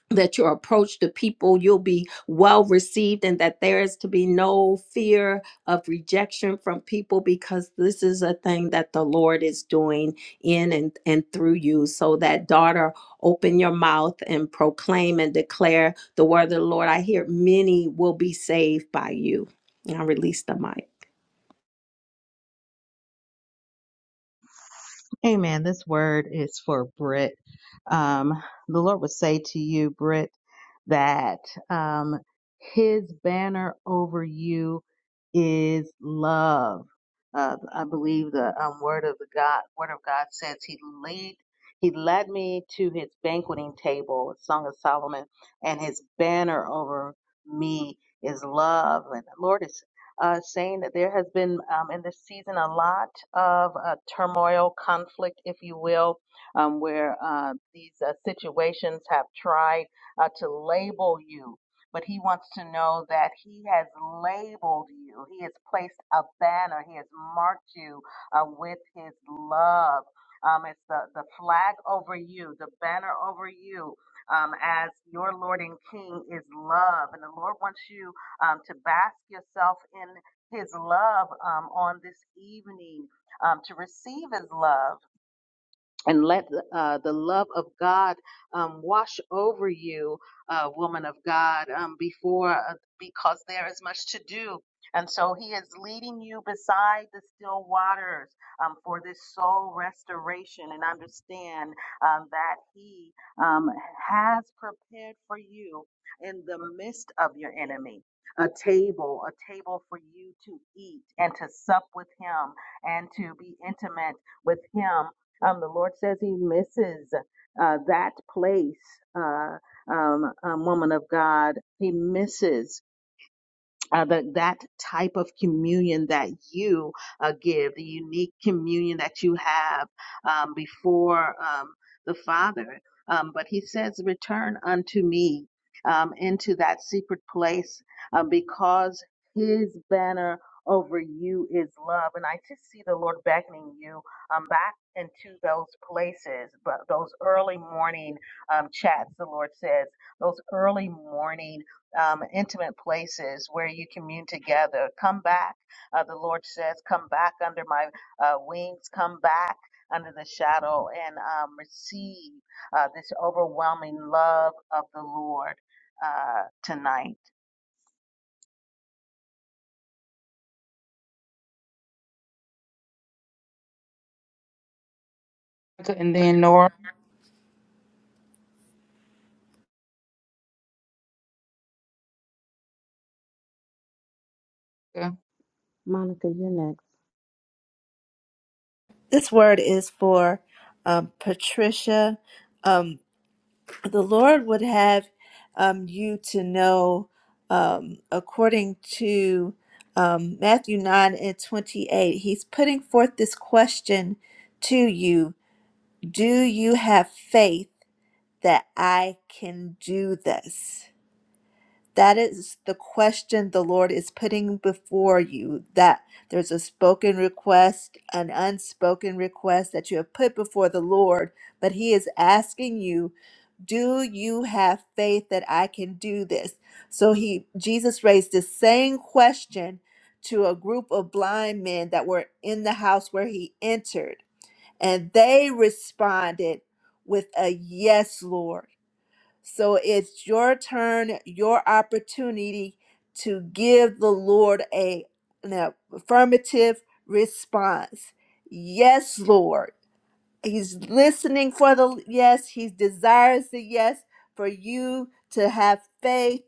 S2: that your approach to people you'll be well received and that there is to be no fear of rejection from people because this is a thing that the lord is doing in and, and through you so that daughter open your mouth and proclaim and declare the word of the lord i hear many will be saved by you and i release the mic
S4: Amen. This word is for Britt. Um, the Lord would say to you, Britt, that um, His banner over you is love. Uh, I believe the um, word of the God, word of God says He lead, He led me to His banqueting table, Song of Solomon, and His banner over me is love. And the Lord is uh, saying that there has been um, in this season a lot of uh, turmoil, conflict, if you will, um, where uh, these uh, situations have tried uh, to label you. But he wants to know that he has labeled you. He has placed a banner. He has marked you uh, with his love. Um, it's the, the flag over you, the banner over you, um, as your Lord and King is love. And the Lord wants you um, to bask yourself in his love um, on this evening, um, to receive his love and let uh, the love of God um, wash over you, uh, woman of God, um, before uh, because there is much to do. And so he is leading you beside the still waters um, for this soul restoration and understand um, that he um, has prepared for you in the midst of your enemy a table, a table for you to eat and to sup with him and to be intimate with him um, the Lord says He misses uh, that place, uh, um, um, woman of God. He misses uh, the, that type of communion that you uh, give, the unique communion that you have um, before um, the Father. Um, but he says, Return unto me um, into that secret place uh, because his banner over you is love. And I just see the Lord beckoning you um, back into those places, but those early morning um, chats, the Lord says, those early morning um, intimate places where you commune together. Come back, uh, the Lord says, come back under my uh, wings, come back under the shadow and um, receive uh, this overwhelming love of the Lord uh, tonight.
S1: Monica, and then Nora.
S5: Monica, you're next.
S6: this word is for um, patricia Um, the Lord would have um, you to know, um, according to um, Matthew 9 and 28, He's putting forth this question to you Do you have faith that I can do this? That is the question the Lord is putting before you. That there's a spoken request, an unspoken request that you have put before the Lord, but He is asking you, Do you have faith that I can do this? So He, Jesus raised the same question to a group of blind men that were in the house where He entered, and they responded with a yes, Lord. So it's your turn, your opportunity to give the Lord a, an affirmative response. Yes, Lord. He's listening for the yes. He desires the yes for you to have faith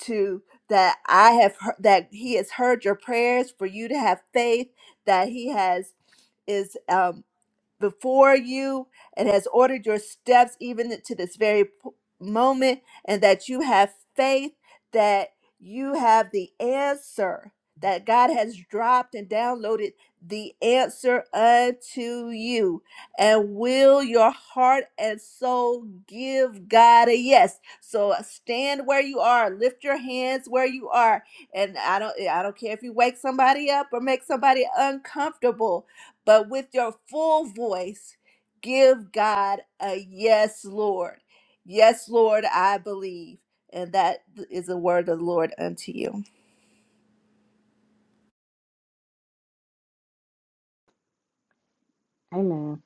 S6: to that I have heard, that he has heard your prayers for you to have faith that he has is um before you and has ordered your steps even to this very p- moment, and that you have faith that you have the answer, that God has dropped and downloaded the answer unto you. And will your heart and soul give God a yes? So uh, stand where you are, lift your hands where you are. And I don't I don't care if you wake somebody up or make somebody uncomfortable but with your full voice, give God a yes, Lord. Yes, Lord, I believe. And that is the word of the Lord unto you.
S5: Amen.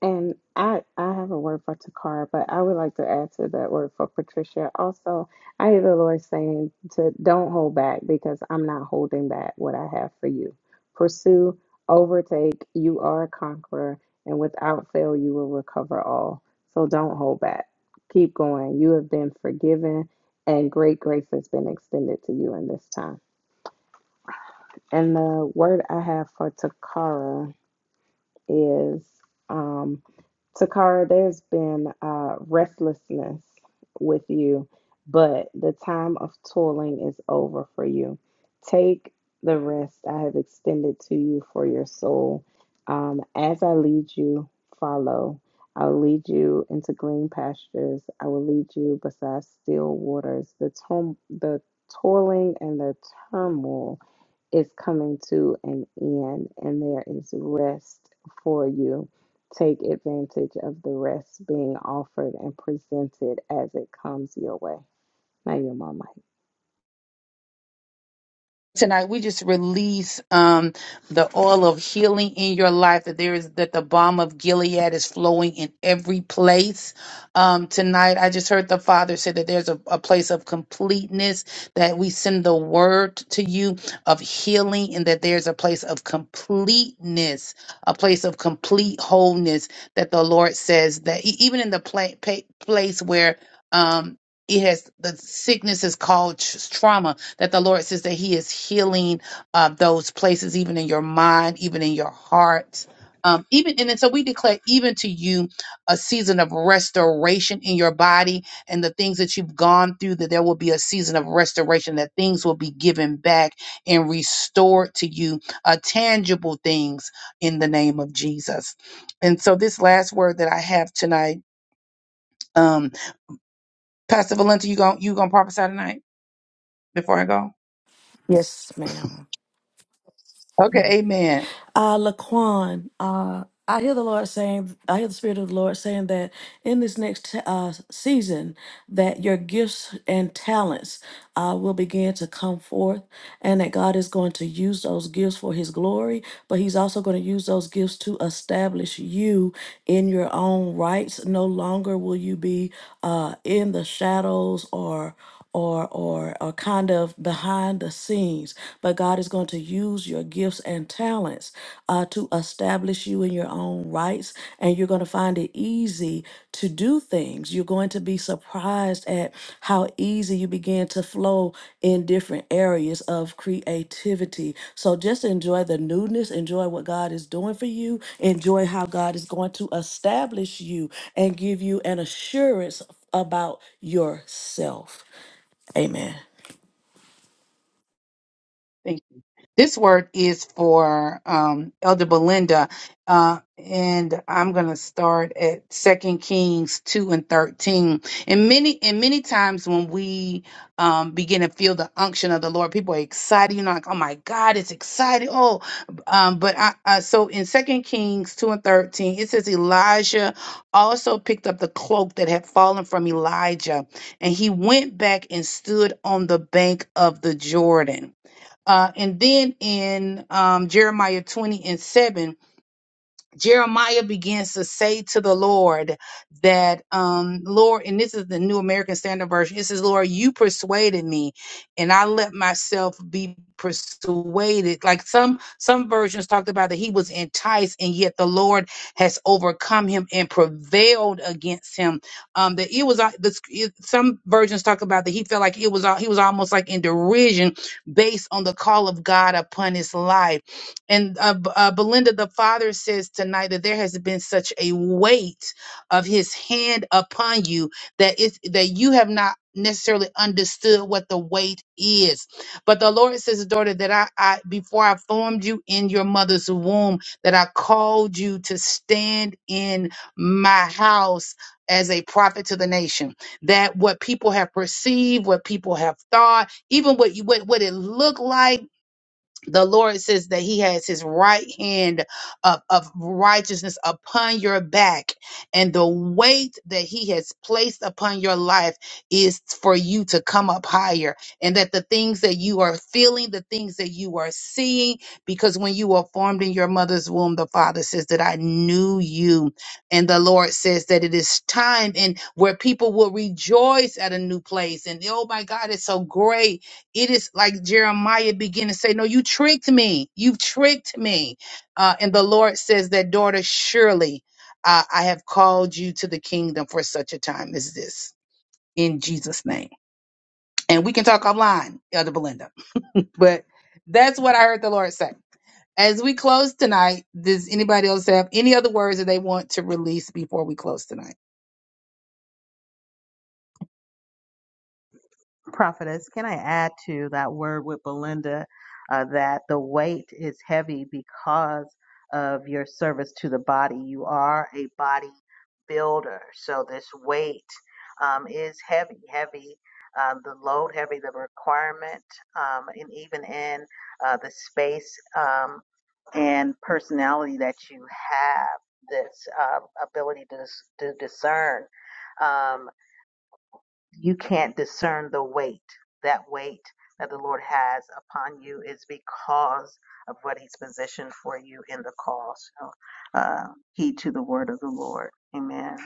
S5: And I, I have a word for Takara, but I would like to add to that word for Patricia. Also, I hear the Lord saying to don't hold back because I'm not holding back what I have for you. Pursue, overtake. You are a conqueror, and without fail, you will recover all. So don't hold back. Keep going. You have been forgiven, and great grace has been extended to you in this time. And the word I have for Takara. is um, Takara, there's been uh, restlessness with you, but the time of toiling is over for you. Take the rest I have extended to you for your soul. Um, as I lead you, follow. I'll lead you into green pastures. I will lead you beside still waters. The, to the toiling and the turmoil is coming to an end and there is rest for you. Take advantage of the rest being offered and presented as it comes your way. Now, your mama.
S1: tonight we just release um the oil of healing in your life that there is that the balm of gilead is flowing in every place um tonight i just heard the father say that there's a, a place of completeness that we send the word to you of healing and that there's a place of completeness a place of complete wholeness that the lord says that e- even in the pla- pa- place where um it has the sickness is called tr- trauma that the Lord says that He is healing uh, those places, even in your mind, even in your heart. Um, even and then so we declare even to you a season of restoration in your body and the things that you've gone through that there will be a season of restoration that things will be given back and restored to you uh, tangible things in the name of Jesus and so this last word that I have tonight um Pastor Valenta you gonna you gonna prophesy tonight before I go
S7: Yes, ma'am.
S1: okay amen
S7: Uh, Laquan, uh, I hear the Lord saying, I hear the Spirit of the Lord saying that in this next uh, season, that your gifts and talents uh, will begin to come forth, and that God is going to use those gifts for His glory, but He's also going to use those gifts to establish you in your own rights. No longer will you be uh, in the shadows or or or or kind of behind the scenes but god is going to use your gifts and talents uh, to establish you in your own rights and you're going to find it easy to do things you're going to be surprised at how easy you begin to flow in different areas of creativity so just enjoy the newness enjoy what god is doing for you enjoy how god is going to establish you and give you an assurance about yourself Amen.
S1: This word is for um, Elder Belinda, uh, and I'm going to start at Second Kings two and thirteen. And many and many times when we um, begin to feel the unction of the Lord, people are excited. You know, like oh my God, it's exciting. Oh, um, but I, I so in Second Kings two and thirteen, it says Elijah also picked up the cloak that had fallen from Elijah, and he went back and stood on the bank of the Jordan. Uh, and then in um, Jeremiah 20 and 7, Jeremiah begins to say to the Lord that, um, Lord, and this is the New American Standard Version. It says, Lord, you persuaded me, and I let myself be persuaded. Like some some versions talked about that he was enticed, and yet the Lord has overcome him and prevailed against him. Um, that it was uh, the, sc- it, some versions talk about that he felt like it was uh, he was almost like in derision based on the call of God upon his life and uh, B- uh, Belinda, the Father says tonight that there has been such a weight of His hand upon you that it that you have not necessarily understood what the weight is. But the Lord says, daughter, that I, I before I formed you in your mother's womb, that I called you to stand in my house. As a prophet to the nation, that what people have perceived, what people have thought, even what you, what what it looked like the Lord says that He has His right hand of, of righteousness upon your back, and the weight that He has placed upon your life is for you to come up higher. And that the things that you are feeling, the things that you are seeing, because when you were formed in your mother's womb, the Father says that I knew you. And the Lord says that it is time and where people will rejoice at a new place. And oh my God, it's so great it is like Jeremiah began to say, No, you tricked me. You tricked me. Uh, and the Lord says that, daughter, surely uh, I have called you to the kingdom for such a time as this in Jesus' name. And we can talk offline, Elder Belinda. But that's what I heard the Lord say. As we close tonight, does anybody else have any other words that they want to release before we close tonight?
S4: Prophetess, can I add to that word with Belinda uh, that the weight is heavy because of your service to the body? You are a body builder, so this weight um, is heavy, heavy. Um, the load heavy, the requirement, um, and even in uh, the space um, and personality that you have, this uh, ability to, dis- to discern. Um, you can't discern the weight. That weight that the Lord has upon you is because of what He's positioned for you in the call. So, uh, heed to the word of the Lord. Amen.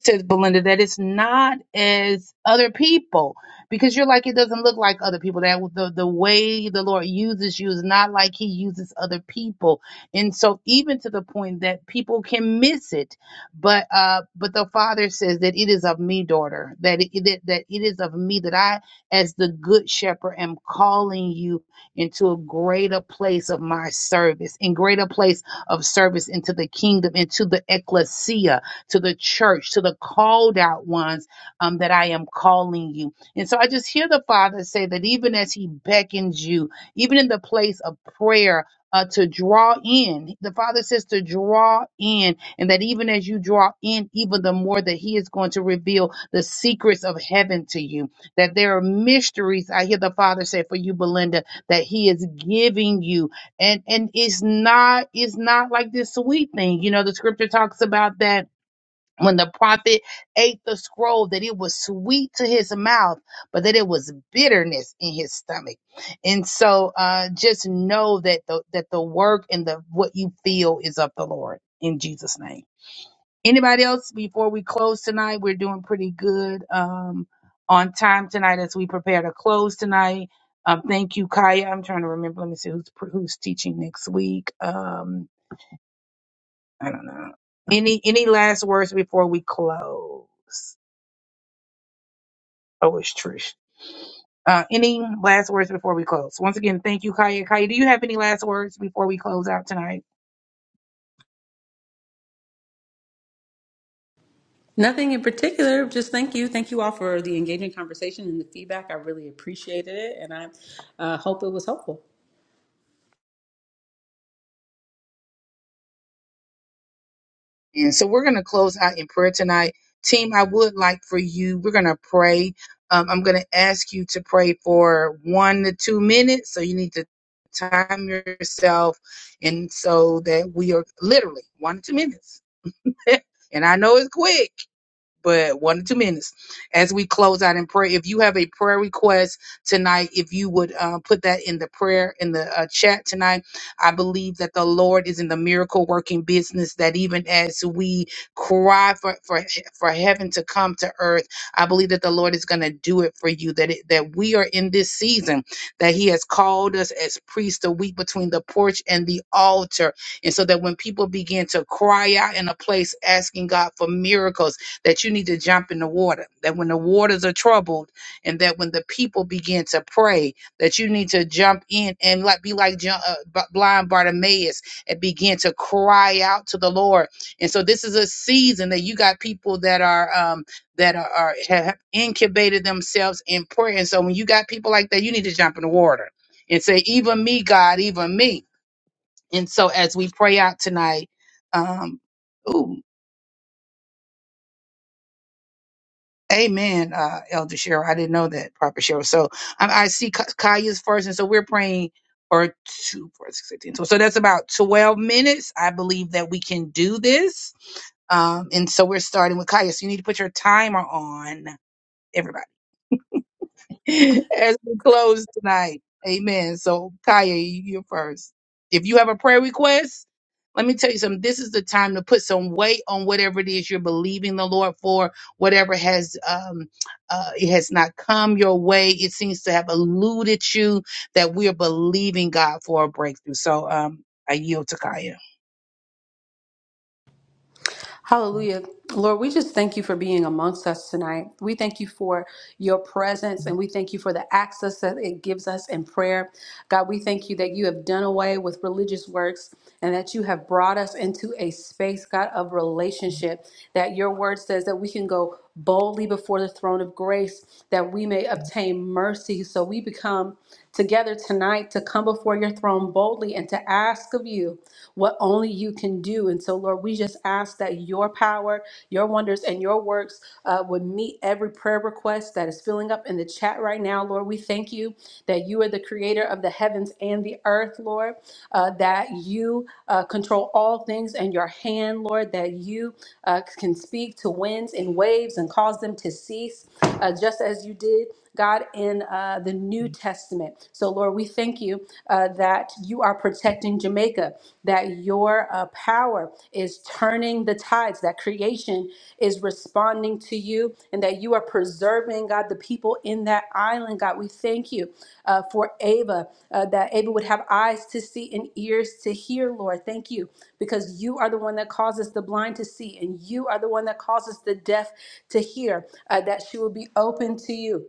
S1: says Belinda, that it's not as other people because you're like it doesn't look like other people. That the the way the Lord uses you is not like He uses other people, and so even to the point that people can miss it. But uh, but the Father says that it is of me, daughter. That it, that that it is of me that I, as the Good Shepherd, am calling you into a greater place of my service, in greater place of service into the kingdom, into the ecclesia to the church, to the called out ones um, that I am calling you. And so I just hear the Father say that even as He beckons you, even in the place of prayer, uh, to draw in. The Father says to draw in, and that even as you draw in, even the more that He is going to reveal the secrets of heaven to you. That there are mysteries, I hear the Father say for you, Belinda, that He is giving you. And and it's not it's not like this sweet thing. You know, the scripture talks about that when the prophet ate the scroll that it was sweet to his mouth but that it was bitterness in his stomach and so uh just know that the that the work and the what you feel is of the lord in jesus name anybody else before we close tonight we're doing pretty good um on time tonight as we prepare to close tonight um thank you kaya i'm trying to remember let me see who's who's teaching next week um i don't know any any last words before we close Oh, it's Trish. Uh, any last words before we close? Once again, thank you, Kaya. Kaya, do you have any last words before we close out tonight?
S3: Nothing in particular, just thank you. Thank you all for the engaging conversation and the feedback. I really appreciated it and I uh, hope it was helpful.
S1: And so we're going to close out in prayer tonight. Team, I would like for you, we're going to pray. Um, I'm going to ask you to pray for one to two minutes. So you need to time yourself. And so that we are literally one to two minutes. and I know it's quick but one or two minutes as we close out in prayer. If you have a prayer request tonight, if you would uh, put that in the prayer in the uh, chat tonight, I believe that the Lord is in the miracle working business. That even as we cry for for for heaven to come to earth, I believe that the Lord is going to do it for you. That it, that we are in this season that He has called us as priests to weep between the porch and the altar, and so that when people begin to cry out in a place asking God for miracles that you need to jump in the water, that when the waters are troubled, and that when the people begin to pray, that you need to jump in and like be like Jo- uh, B- blind Bartimaeus and begin to cry out to the Lord. And so this is a season that you got people that are um, that are, are have incubated themselves in prayer. And so when you got people like that, you need to jump in the water and say, "Even me, God, even me." And so as we pray out tonight. Um, ooh, Amen, uh, Elder Cheryl. I didn't know that, Prophet Cheryl. So I, I see Ka- Kaya's first, and so we're praying or two, four, six, fifteen. So, so that's about twelve minutes. I believe that we can do this. Um, and so we're starting with Kaya. So you need to put your timer on, everybody. as we close tonight. Amen. So, Kaya, you are first. If you have a prayer request, let me tell you something. This is the time to put some weight on whatever it is you're believing the Lord for, whatever has um uh it has not come your way. It seems to have eluded you that we are believing God for a breakthrough. So um I yield to Kaya.
S3: Hallelujah. Lord, we just thank you for being amongst us tonight. We thank you for your presence and we thank you for the access that it gives us in prayer. God, we thank you that you have done away with religious works and that you have brought us into a space, God, of relationship. That your word says that we can go boldly before the throne of grace that we may obtain mercy. So we become together tonight to come before your throne boldly and to ask of you do, what only you can do. And so, Lord, we just ask that your power, your wonders, and your works uh, would meet every prayer request that is filling up in the chat right now. Lord, we thank you that you are the creator of the heavens and the earth, Lord, uh, that you uh, control all things in your hand, Lord, that you uh, can speak to winds and waves and cause them to cease, uh, just as you did. God, in uh, the New Testament. So, Lord, we thank you uh, that you are protecting Jamaica, that your uh, power is turning the tides, that creation is responding to you, and that you are preserving, God, the people in that island. God, we thank you uh, for Ava, uh, that Ava would have eyes to see and ears to hear, Lord. Thank you, because you are the one that causes the blind to see, and you are the one that causes the deaf to hear, uh, that she will be open to you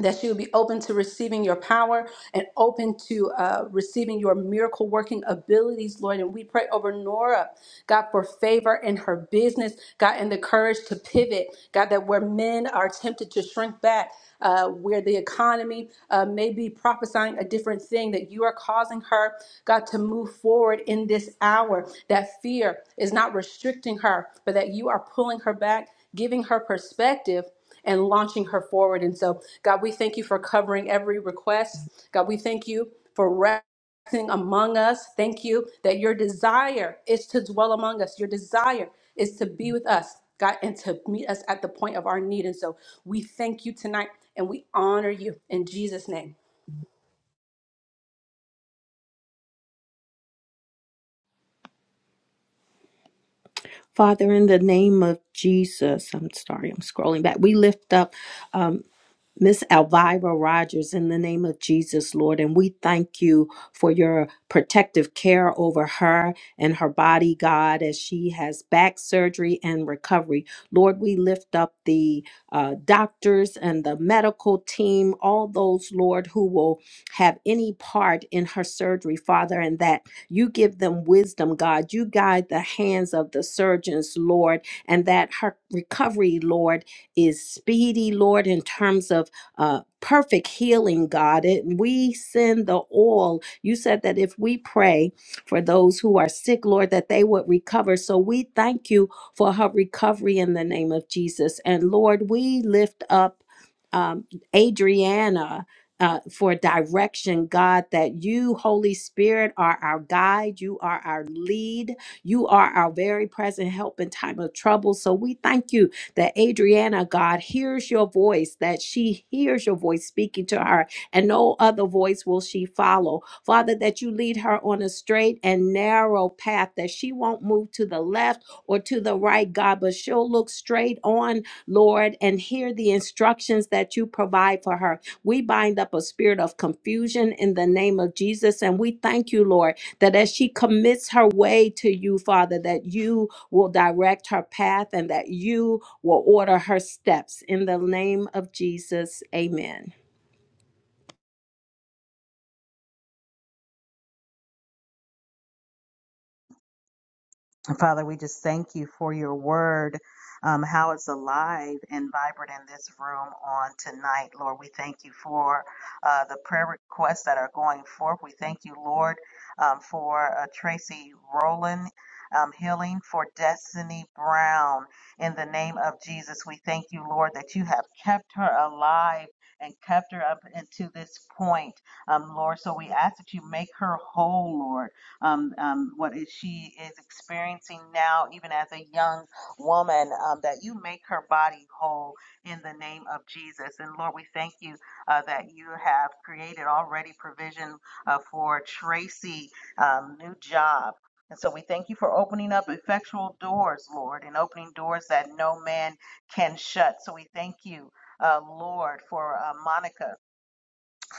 S3: that she would be open to receiving your power and open to uh, receiving your miracle working abilities, Lord. And we pray over Nora, God, for favor in her business, God, and the courage to pivot, God, that where men are tempted to shrink back. Uh, where the economy uh, may be prophesying a different thing, that you are causing her, God, to move forward in this hour. That fear is not restricting her, but that you are pulling her back, giving her perspective and launching her forward. And so, God, we thank you for covering every request. God, we thank you for resting among us. Thank you that your desire is to dwell among us, your desire is to be with us, God, and to meet us at the point of our need. And so, we thank you tonight and we honor you in Jesus' name.
S2: father in the name of jesus i'm sorry i'm scrolling back we lift up um, Miss Elvira Rogers, in the name of Jesus, Lord, and we thank you for your protective care over her and her body, God, as she has back surgery and recovery. Lord, we lift up the uh, doctors and the medical team, all those, Lord, who will have any part in her surgery, Father, and that you give them wisdom, God. You guide the hands of the surgeons, Lord, and that her recovery, Lord, is speedy, Lord, in terms of uh, perfect healing, God. It, we send the oil. You said that if we pray for those who are sick, Lord, that they would recover. So we thank you for her recovery in the name of Jesus. And Lord, we lift up um, Adriana. Uh, for direction, God, that you, Holy Spirit, are our guide. You are our lead. You are our very present help in time of trouble. So we thank you that Adriana, God, hears your voice, that she hears your voice speaking to her, and no other voice will she follow. Father, that you lead her on a straight and narrow path, that she won't move to the left or to the right, God, but she'll look straight on, Lord, and hear the instructions that you provide for her. We bind up a spirit of confusion in the name of Jesus, and we thank you, Lord, that as she commits her way to you, Father, that you will direct her path and that you will order her steps. In the name of Jesus, amen.
S4: Father, we just thank you for your word, um, how it's alive and vibrant in this room on tonight. Lord, we thank you for uh, the prayer requests that are going forth. We thank you, Lord, um, for uh, Tracy Rowland. Um, healing for Destiny Brown in the name of Jesus. We thank you, Lord, that you have kept her alive and kept her up into this point, um, Lord. So we ask that you make her whole, Lord um, um, what is she is experiencing now, even as a young woman, um, that you make her body whole in the name of Jesus. And Lord, we thank you uh, that you have created already provision uh, for Tracy um, new job. And so we thank you for opening up effectual doors, Lord, and opening doors that no man can shut. So we thank you, uh, Lord, for uh, Monica.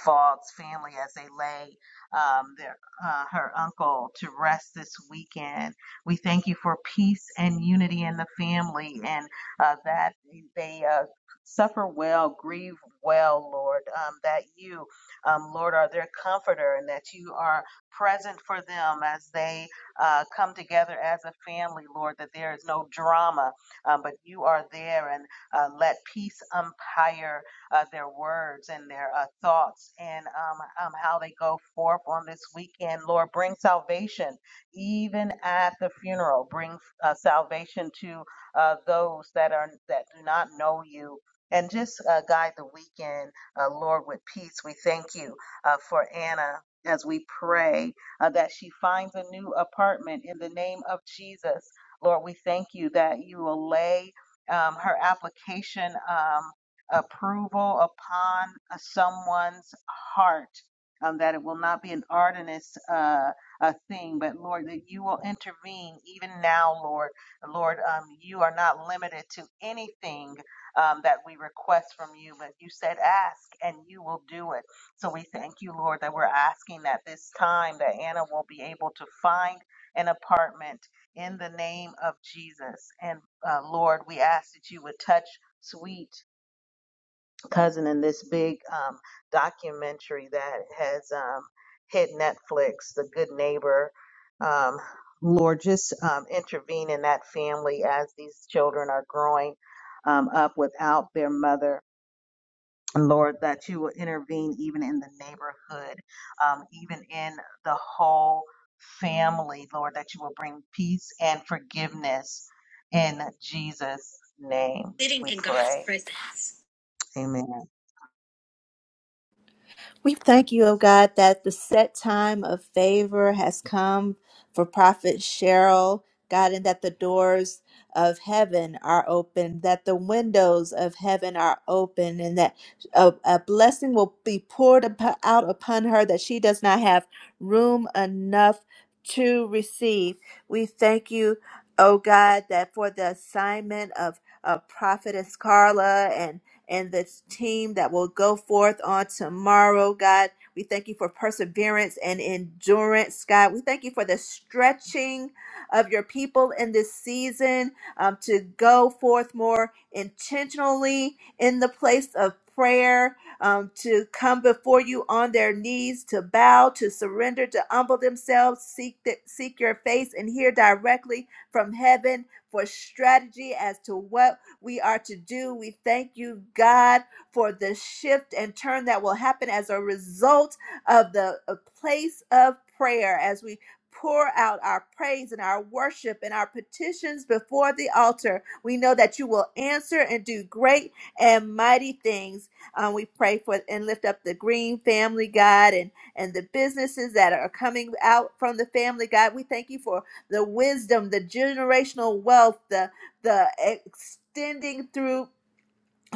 S4: Fogg's family as they lay um, their, uh, her uncle to rest this weekend. We thank you for peace and unity in the family and uh, that they uh, suffer well, grieve well, Lord, um, that you, um, Lord, are their comforter and that you are present for them as they uh, come together as a family, Lord, that there is no drama, um, but you are there and uh, let peace umpire uh, their words and their uh, thoughts and um, um, how they go forth on this weekend. Lord, bring salvation even at the funeral. Bring uh, salvation to uh, those that are that do not know you. And just uh, guide the weekend, uh, Lord, with peace. We thank you uh, for Anna as we pray uh, that she finds a new apartment in the name of Jesus. Lord, we thank you that you will lay um, her application. Um, approval upon uh, someone's heart, um, that it will not be an ardenous uh, uh, thing, but Lord, that you will intervene even now, Lord. Lord, um, you are not limited to anything um, that we request from you, but you said ask and you will do it. So we thank you, Lord, that we're asking that this time that Anna will be able to find an apartment in the name of Jesus. And uh, Lord, we ask that you would touch Sweet cousin in this big um, documentary that has um, hit Netflix, The Good Neighbor. Um, Lord, just um, intervene in that family as these children are growing um, up without their mother. Lord, that you will intervene even in the neighborhood, um, even in the whole family, Lord, that you will bring peace and forgiveness in Jesus' name.
S7: Sitting
S4: We
S7: in God's
S4: pray.
S7: presence.
S4: Amen.
S6: We thank you, O God, that the set time of favor has come for Prophet Cheryl, God, and that the doors of heaven are open, that the windows of heaven are open, and that a, a blessing will be poured upo- out upon her that she does not have room enough to receive. We thank you, O God, that for the assignment of uh, Prophetess Carla and the team that will go forth on tomorrow, God. We thank you for perseverance and endurance, God. We thank you for the stretching of your people in this season um, to go forth more intentionally in the place of prayer, um, to come before you on their knees, to bow, to surrender, to humble themselves, seek, the, seek your face, and hear directly from heaven for strategy as to what we are to do. We thank you, God, for the shift and turn that will happen as a result of the uh, place of prayer as we pour out our praise and our worship and our petitions before the altar. We know that you will answer and do great and mighty things. Um, we pray for and lift up the Green family, God, and and the businesses that are coming out from the family, God. We thank you for the wisdom, the generational wealth, the the extending through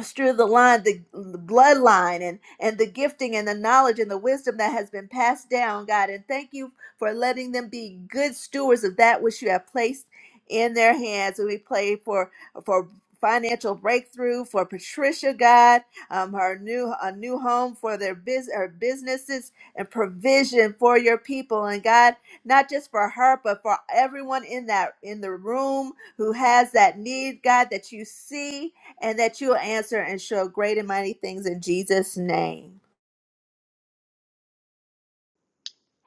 S6: through the line the, the bloodline and and the gifting and the knowledge and the wisdom that has been passed down god and thank you for letting them be good stewards of that which you have placed in their hands and we pray for for financial breakthrough for patricia god um, her new a new home for their biz her businesses and provision for your people and god not just for her but for everyone in that in the room who has that need god that you see and that you will answer and show great and mighty things in Jesus' name.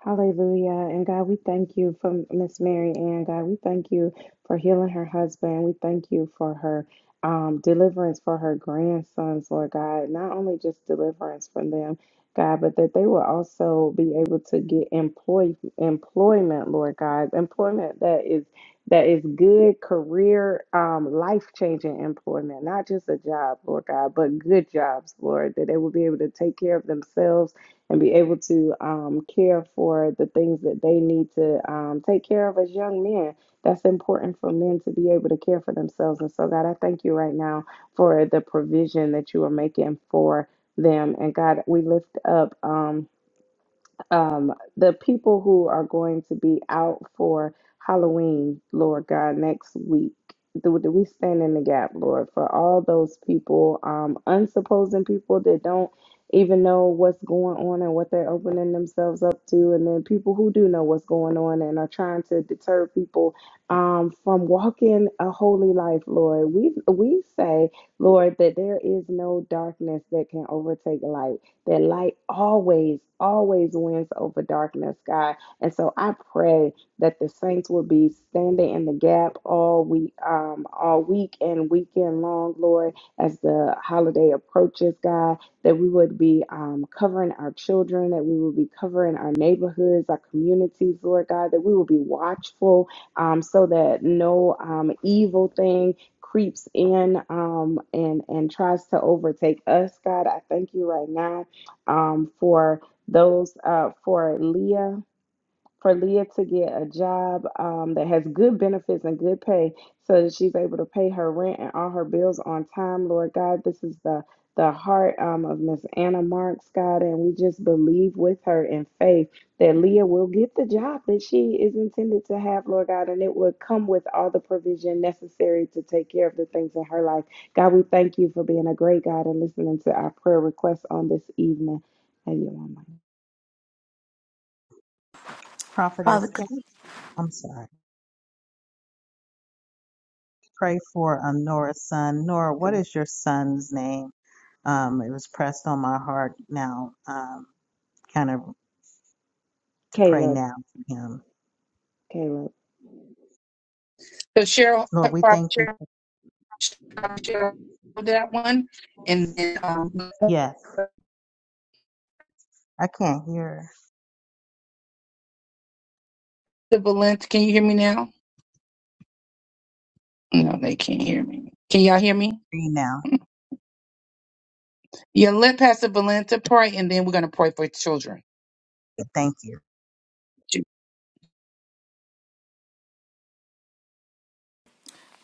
S5: Hallelujah. And God, we thank you for Miss Mary Ann. God, we thank you for healing her husband. We thank you for her um, deliverance for her grandsons, Lord God. Not only just deliverance from them, God, but that they will also be able to get employ employment, Lord God. Employment that is that is good career, um, life-changing employment, not just a job, Lord God, but good jobs, Lord, that they will be able to take care of themselves and be able to um, care for the things that they need to um, take care of as young men. That's important for men to be able to care for themselves. And so, God, I thank you right now for the provision that you are making for them. And God, we lift up. Um, um, the people who are going to be out for Halloween, Lord God, next week. Do, do we stand in the gap, Lord, for all those people, um, unsupposing people that don't even know what's going on and what they're opening themselves up to, and then people who do know what's going on and are trying to deter people um, from walking a holy life, Lord. We we say, Lord, that there is no darkness that can overtake light that light always, always wins over darkness, God. And so I pray that the saints will be standing in the gap all week, um, all week and weekend long, Lord, as the holiday approaches, God, that we would be um, covering our children, that we would be covering our neighborhoods, our communities, Lord God, that we will be watchful um, so that no um, evil thing creeps in um, and and tries to overtake us, God. I thank you right now um, for those uh, for Leah for Leah to get a job um, that has good benefits and good pay so that she's able to pay her rent and all her bills on time, Lord God. This is the the heart um, of Miss Anna Marks, God, and we just believe with her in faith that Leah will get the job that she is intended to have, Lord God, and it will come with all the provision necessary to take care of the things in her life. God, we thank you for being a great God and listening to our prayer requests on this evening. Hey, you,
S7: Father,
S4: Prophetess Kim. I'm sorry. Pray for um, Nora's son. Nora, what
S1: So
S4: is your son's name? Um, it was pressed on my heart now, um, kind of to pray
S5: Caleb,
S4: now for him.
S5: Caleb.
S1: Cheryl,
S4: Lord, we
S1: Prophet
S4: thank you. For,
S1: Cheryl, Cheryl, that one, and then um,
S4: yes, I can't hear
S1: Valente. can you hear me now? No, they can't hear me. Can y'all hear me?
S4: you now.
S1: Your lip has to Belinda pray, and then we're going to pray for children.
S4: Thank you.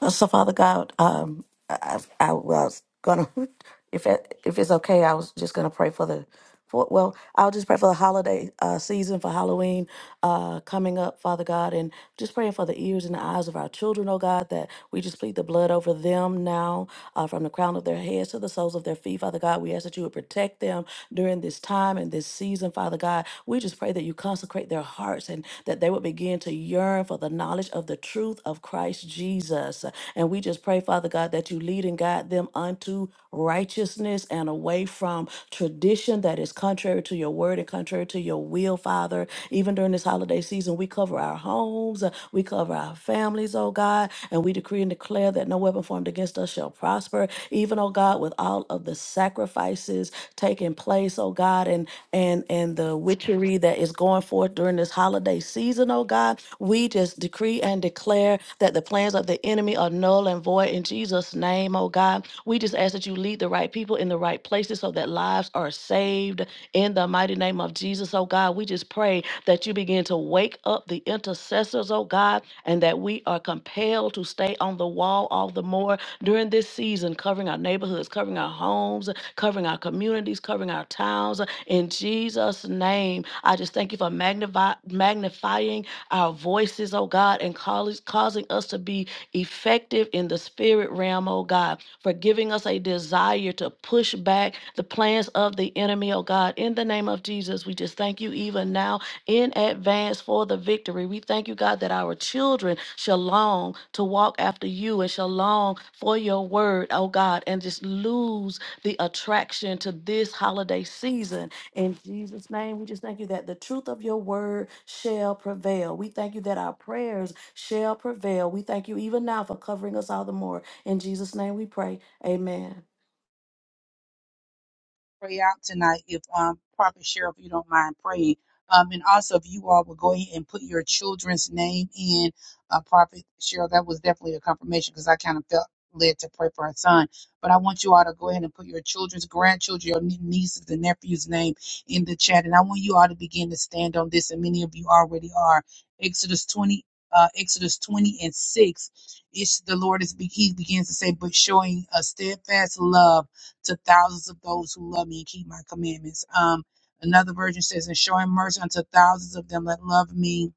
S7: so Father God, um, I, I I was gonna, if it, if it's okay, I was just gonna pray for the, for well, I'll just pray for the holiday uh, season for Halloween uh, coming up, Father God, and just praying for the ears and the eyes of our children, oh God, that we just plead the blood over them now, uh, from the crown of their heads to the soles of their feet, Father God. We ask that you would protect them during this time and this season, Father God. We just pray that you consecrate their hearts and that they would begin to yearn for the knowledge of the truth of Christ Jesus. And we just pray, Father God, that you lead and guide them unto righteousness and away from tradition that is contrary to your word and contrary to your will, Father. Even during this holiday season, we cover our homes, uh, we cover our families, oh God, and we decree and declare that no weapon formed against us shall prosper. Even, oh God, with all of the sacrifices taking place, oh God, and and and the witchery that is going forth during this holiday season, oh God, we just decree and declare that the plans of the enemy are null and void in Jesus' name, oh God. We just ask that you lead the right people in the right places so that lives are saved in the mighty name of Jesus, oh God, we just pray that you begin to wake up the intercessors, oh God, and that we are compelled to stay on the wall all the more during this season, covering our neighborhoods, covering our homes, covering our communities, covering our towns. In Jesus' name, I just thank you for magnify, magnifying our voices, oh God, and cause, causing us to be effective in the spirit realm, oh God, for giving us a desire to push back the plans of the enemy, oh God. In the name of Jesus, we just thank you even now in advance for the victory. We thank you, God, that our children shall long to walk after you and shall long for your word, oh God, and just lose the attraction to this holiday season. In Jesus' name, we just thank you that the truth of your word shall prevail. We thank you that our prayers shall prevail. We thank you even now for covering us all the more. In Jesus' name we pray. Amen.
S1: pray out tonight if um Prophet Cheryl, if you don't mind praying. Um and also if you all will go ahead and put your children's name in uh Prophet Cheryl, that was definitely a confirmation because I kind of felt led to pray for her son. But I want you all to go ahead and put your children's grandchildren, your nie- nieces and nephews' name in the chat. And I want you all to begin to stand on this, and many of you already are. Exodus twenty uh, Exodus 20 and 6, it's the Lord is, be- he begins to say, but showing a steadfast love to thousands of those who love me and keep my commandments. Um, another version says, and showing mercy unto thousands of them that love me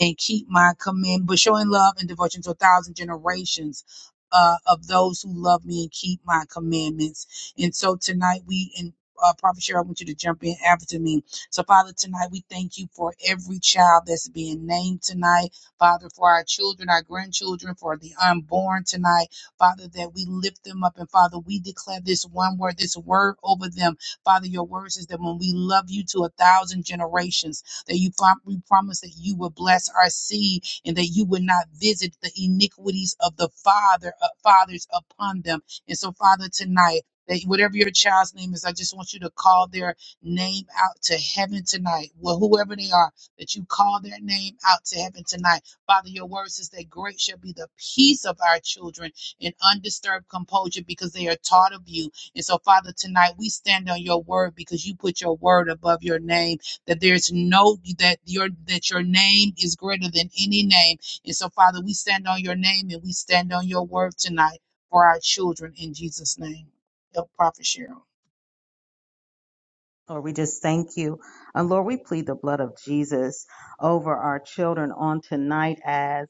S1: and keep my command, but showing love and devotion to a thousand generations uh, of those who love me and keep my commandments. And so tonight we in uh, Prophet Cheryl, I want you to jump in after me. So, Father, tonight we thank you for every child that's being named tonight. Father, for our children, our grandchildren, for the unborn tonight. Father, that we lift them up. And Father, we declare this one word, this word over them. Father, your word is that when we love you to a thousand generations, that you prom- we promise that you will bless our seed and that you will not visit the iniquities of the father uh, fathers upon them. And so, Father, tonight. That whatever your child's name is, I just want you to call their name out to heaven tonight. Well, whoever they are, that you call their name out to heaven tonight. Father, your word says that great shall be the peace of our children in undisturbed composure because they are taught of you. And so, Father, tonight we stand on your word because you put your word above your name that there's no that your that your name is greater than any name. And so, Father, we stand on your name and we stand on your word tonight for our children in Jesus' name. Help Prophet Cheryl.
S4: Lord, we just thank you. And Lord, we plead the blood of Jesus over our children on tonight as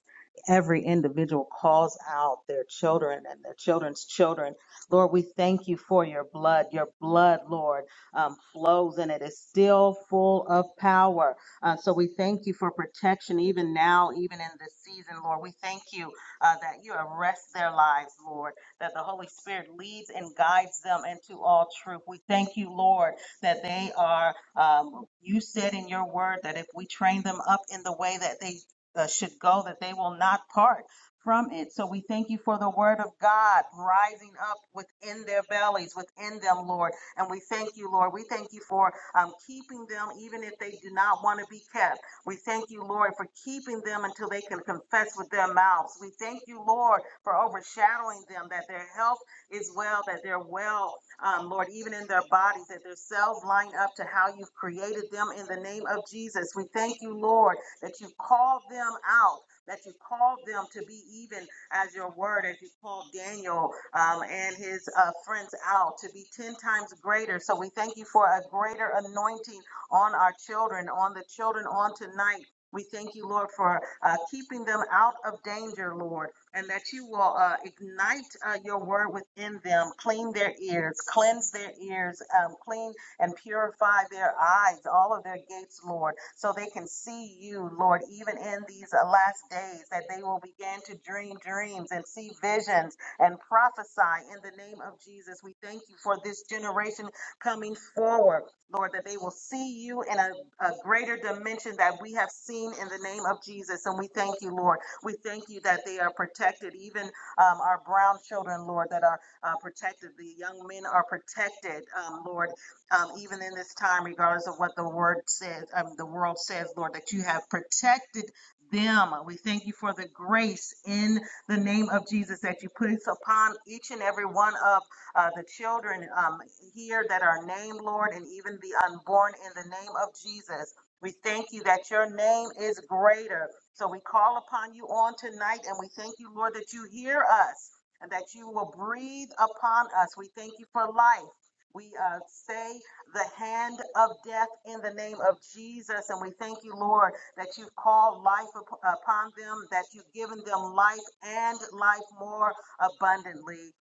S4: every individual calls out their children and their children's children. Lord, we thank you for your blood. Your blood, Lord, um, flows and it is still full of power. Uh, so we thank you for protection even now, even in this season, Lord. We thank you uh, that you arrest their lives, Lord, that the Holy Spirit leads and guides them into all truth. We thank you, Lord that they are, um, you said in your word that if we train them up in the way that they uh, should go, that they will not part from it. So we thank you for the word of God rising up within their bellies, within them, Lord. And we thank you, Lord. We thank you for um, keeping them even if they do not want to be kept. We thank you, Lord, for keeping them until they can confess with their mouths. We thank you, Lord, for overshadowing them, that their health is well, that they're well um, Lord, even in their bodies, that their cells line up to how you've created them in the name of Jesus. We thank you, Lord, that you've called them out, that you've called them to be even as your word, as you called Daniel um, and his uh, friends out to be 10 times greater. So we thank you for a greater anointing on our children, on the children on tonight. We thank you, Lord, for uh, keeping them out of danger, Lord and that you will uh, ignite uh, your word within them, clean their ears, cleanse their ears, um, clean and purify their eyes, all of their gates, Lord, so they can see you, Lord, even in these uh, last days, that they will begin to dream dreams and see visions and prophesy in the name of Jesus. We thank you for this generation coming forward. Lord, that they will see you in a, a greater dimension that we have seen in the name of Jesus. And we thank you, Lord. We thank you that they are protected, even um, our brown children, Lord, that are uh, protected. The young men are protected, um, Lord, um, even in this time, regardless of what the word says, um, the world says, Lord, that you have protected them. We thank you for the grace in the name of Jesus that you put upon each and every one of uh, the children um, here that are named, Lord, and even the unborn in the name of Jesus. We thank you that your name is greater. So we call upon you on tonight and we thank you, Lord, that you hear us and that you will breathe upon us. We thank you for life. We uh, say the hand of death in the name of Jesus. And we thank you, Lord, that you've called life up- upon them, that you've given them life and life more abundantly.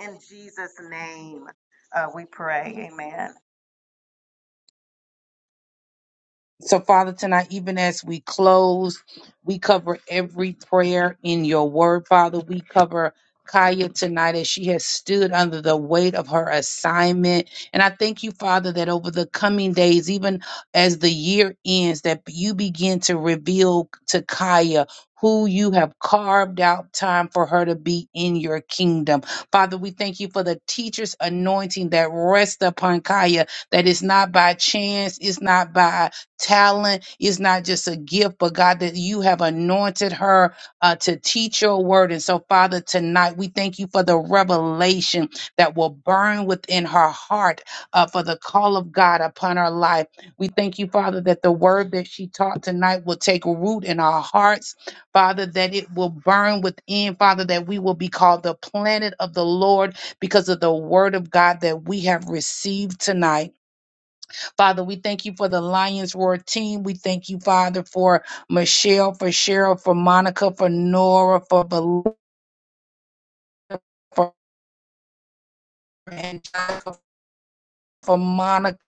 S4: In Jesus' name, uh, we pray. Amen.
S1: So, Father, tonight, even as we close, we cover every prayer in your word, Father. We cover Kaya tonight as she has stood under the weight of her assignment. And I thank you, Father, that over the coming days, even as the year ends, that you begin to reveal to Kaya. Who you have carved out time for her to be in your kingdom. Father, we thank you for the teacher's anointing that rests upon Kaya, that is not by chance, it's not by talent is not just a gift, but God, that you have anointed her uh, to teach your word. And so, Father, tonight we thank you for the revelation that will burn within her heart uh, for the call of God upon her life. We thank you, Father, that the word that she taught tonight will take root in our hearts, Father, that it will burn within, Father, that we will be called the planet of the Lord because of the word of God that we have received tonight. Father, we thank you for the Lions Roar team. We thank you, Father, for Michelle, for Cheryl, for Monica, for Nora, for Belinda, for Angelica, for Monica,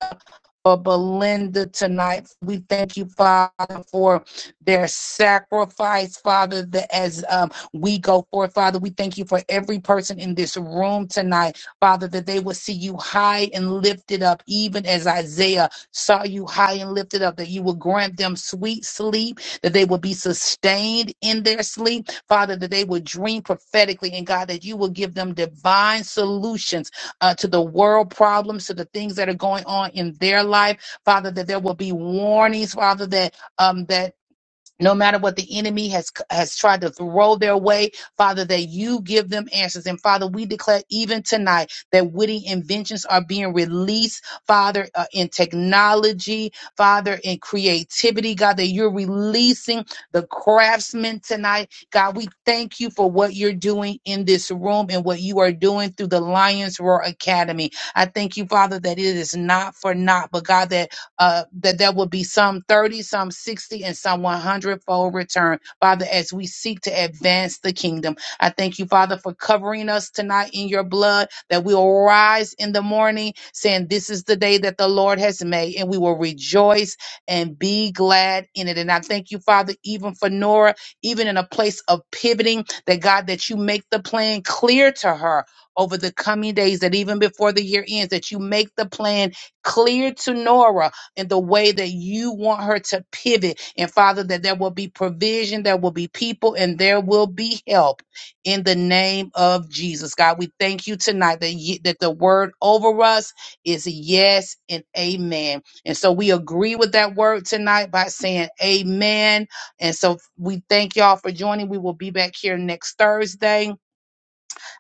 S1: for Belinda tonight. We thank you, Father, for their sacrifice, Father, that as um, we go forth, Father, we thank you for every person in this room tonight, Father, that they will see you high and lifted up, even as Isaiah saw you high and lifted up, that you will grant them sweet sleep, that they will be sustained in their sleep, Father, that they will dream prophetically, and God, that you will give them divine solution uh, to the world problems, to the things that are going on in their life, Father, that there will be warnings, Father, that um, that no matter what the enemy has has tried to throw their way father that you give them answers and father we declare even tonight that witty inventions are being released father uh, in technology father in creativity god that you're releasing the craftsmen tonight god we thank you for what you're doing in this room and what you are doing through the lions roar academy i thank you father that it is not for naught but god that uh, that there will be some 30, some 60, and some 100 fold return, Father, as we seek to advance the kingdom. I thank you, Father, for covering us tonight in your blood, that we will rise in the morning saying, This is the day that the Lord has made, and we will rejoice and be glad in it. And I thank you, Father, even for Nora, even in a place of pivoting, that God, that you make the plan clear to her. Over the coming days, that even before the year ends, that you make the plan clear to Nora in the way that you want her to pivot. And Father, that there will be provision, there will be people, and there will be help in the name of Jesus. God, we thank you tonight that, ye, that the word over us is yes and amen. And so we agree with that word tonight by saying amen. And so we thank y'all for joining. We will be back here next Thursday.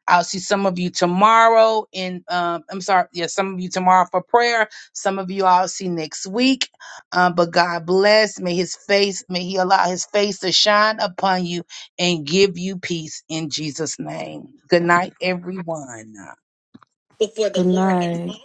S1: I'll see some of you tomorrow in um I'm sorry, yeah, some of you tomorrow for prayer. Some of you I'll see next week. Um, but God bless. May his face, may he allow his face to shine upon you and give you peace in Jesus' name. Good night, everyone.
S7: Before the Good Lord and night.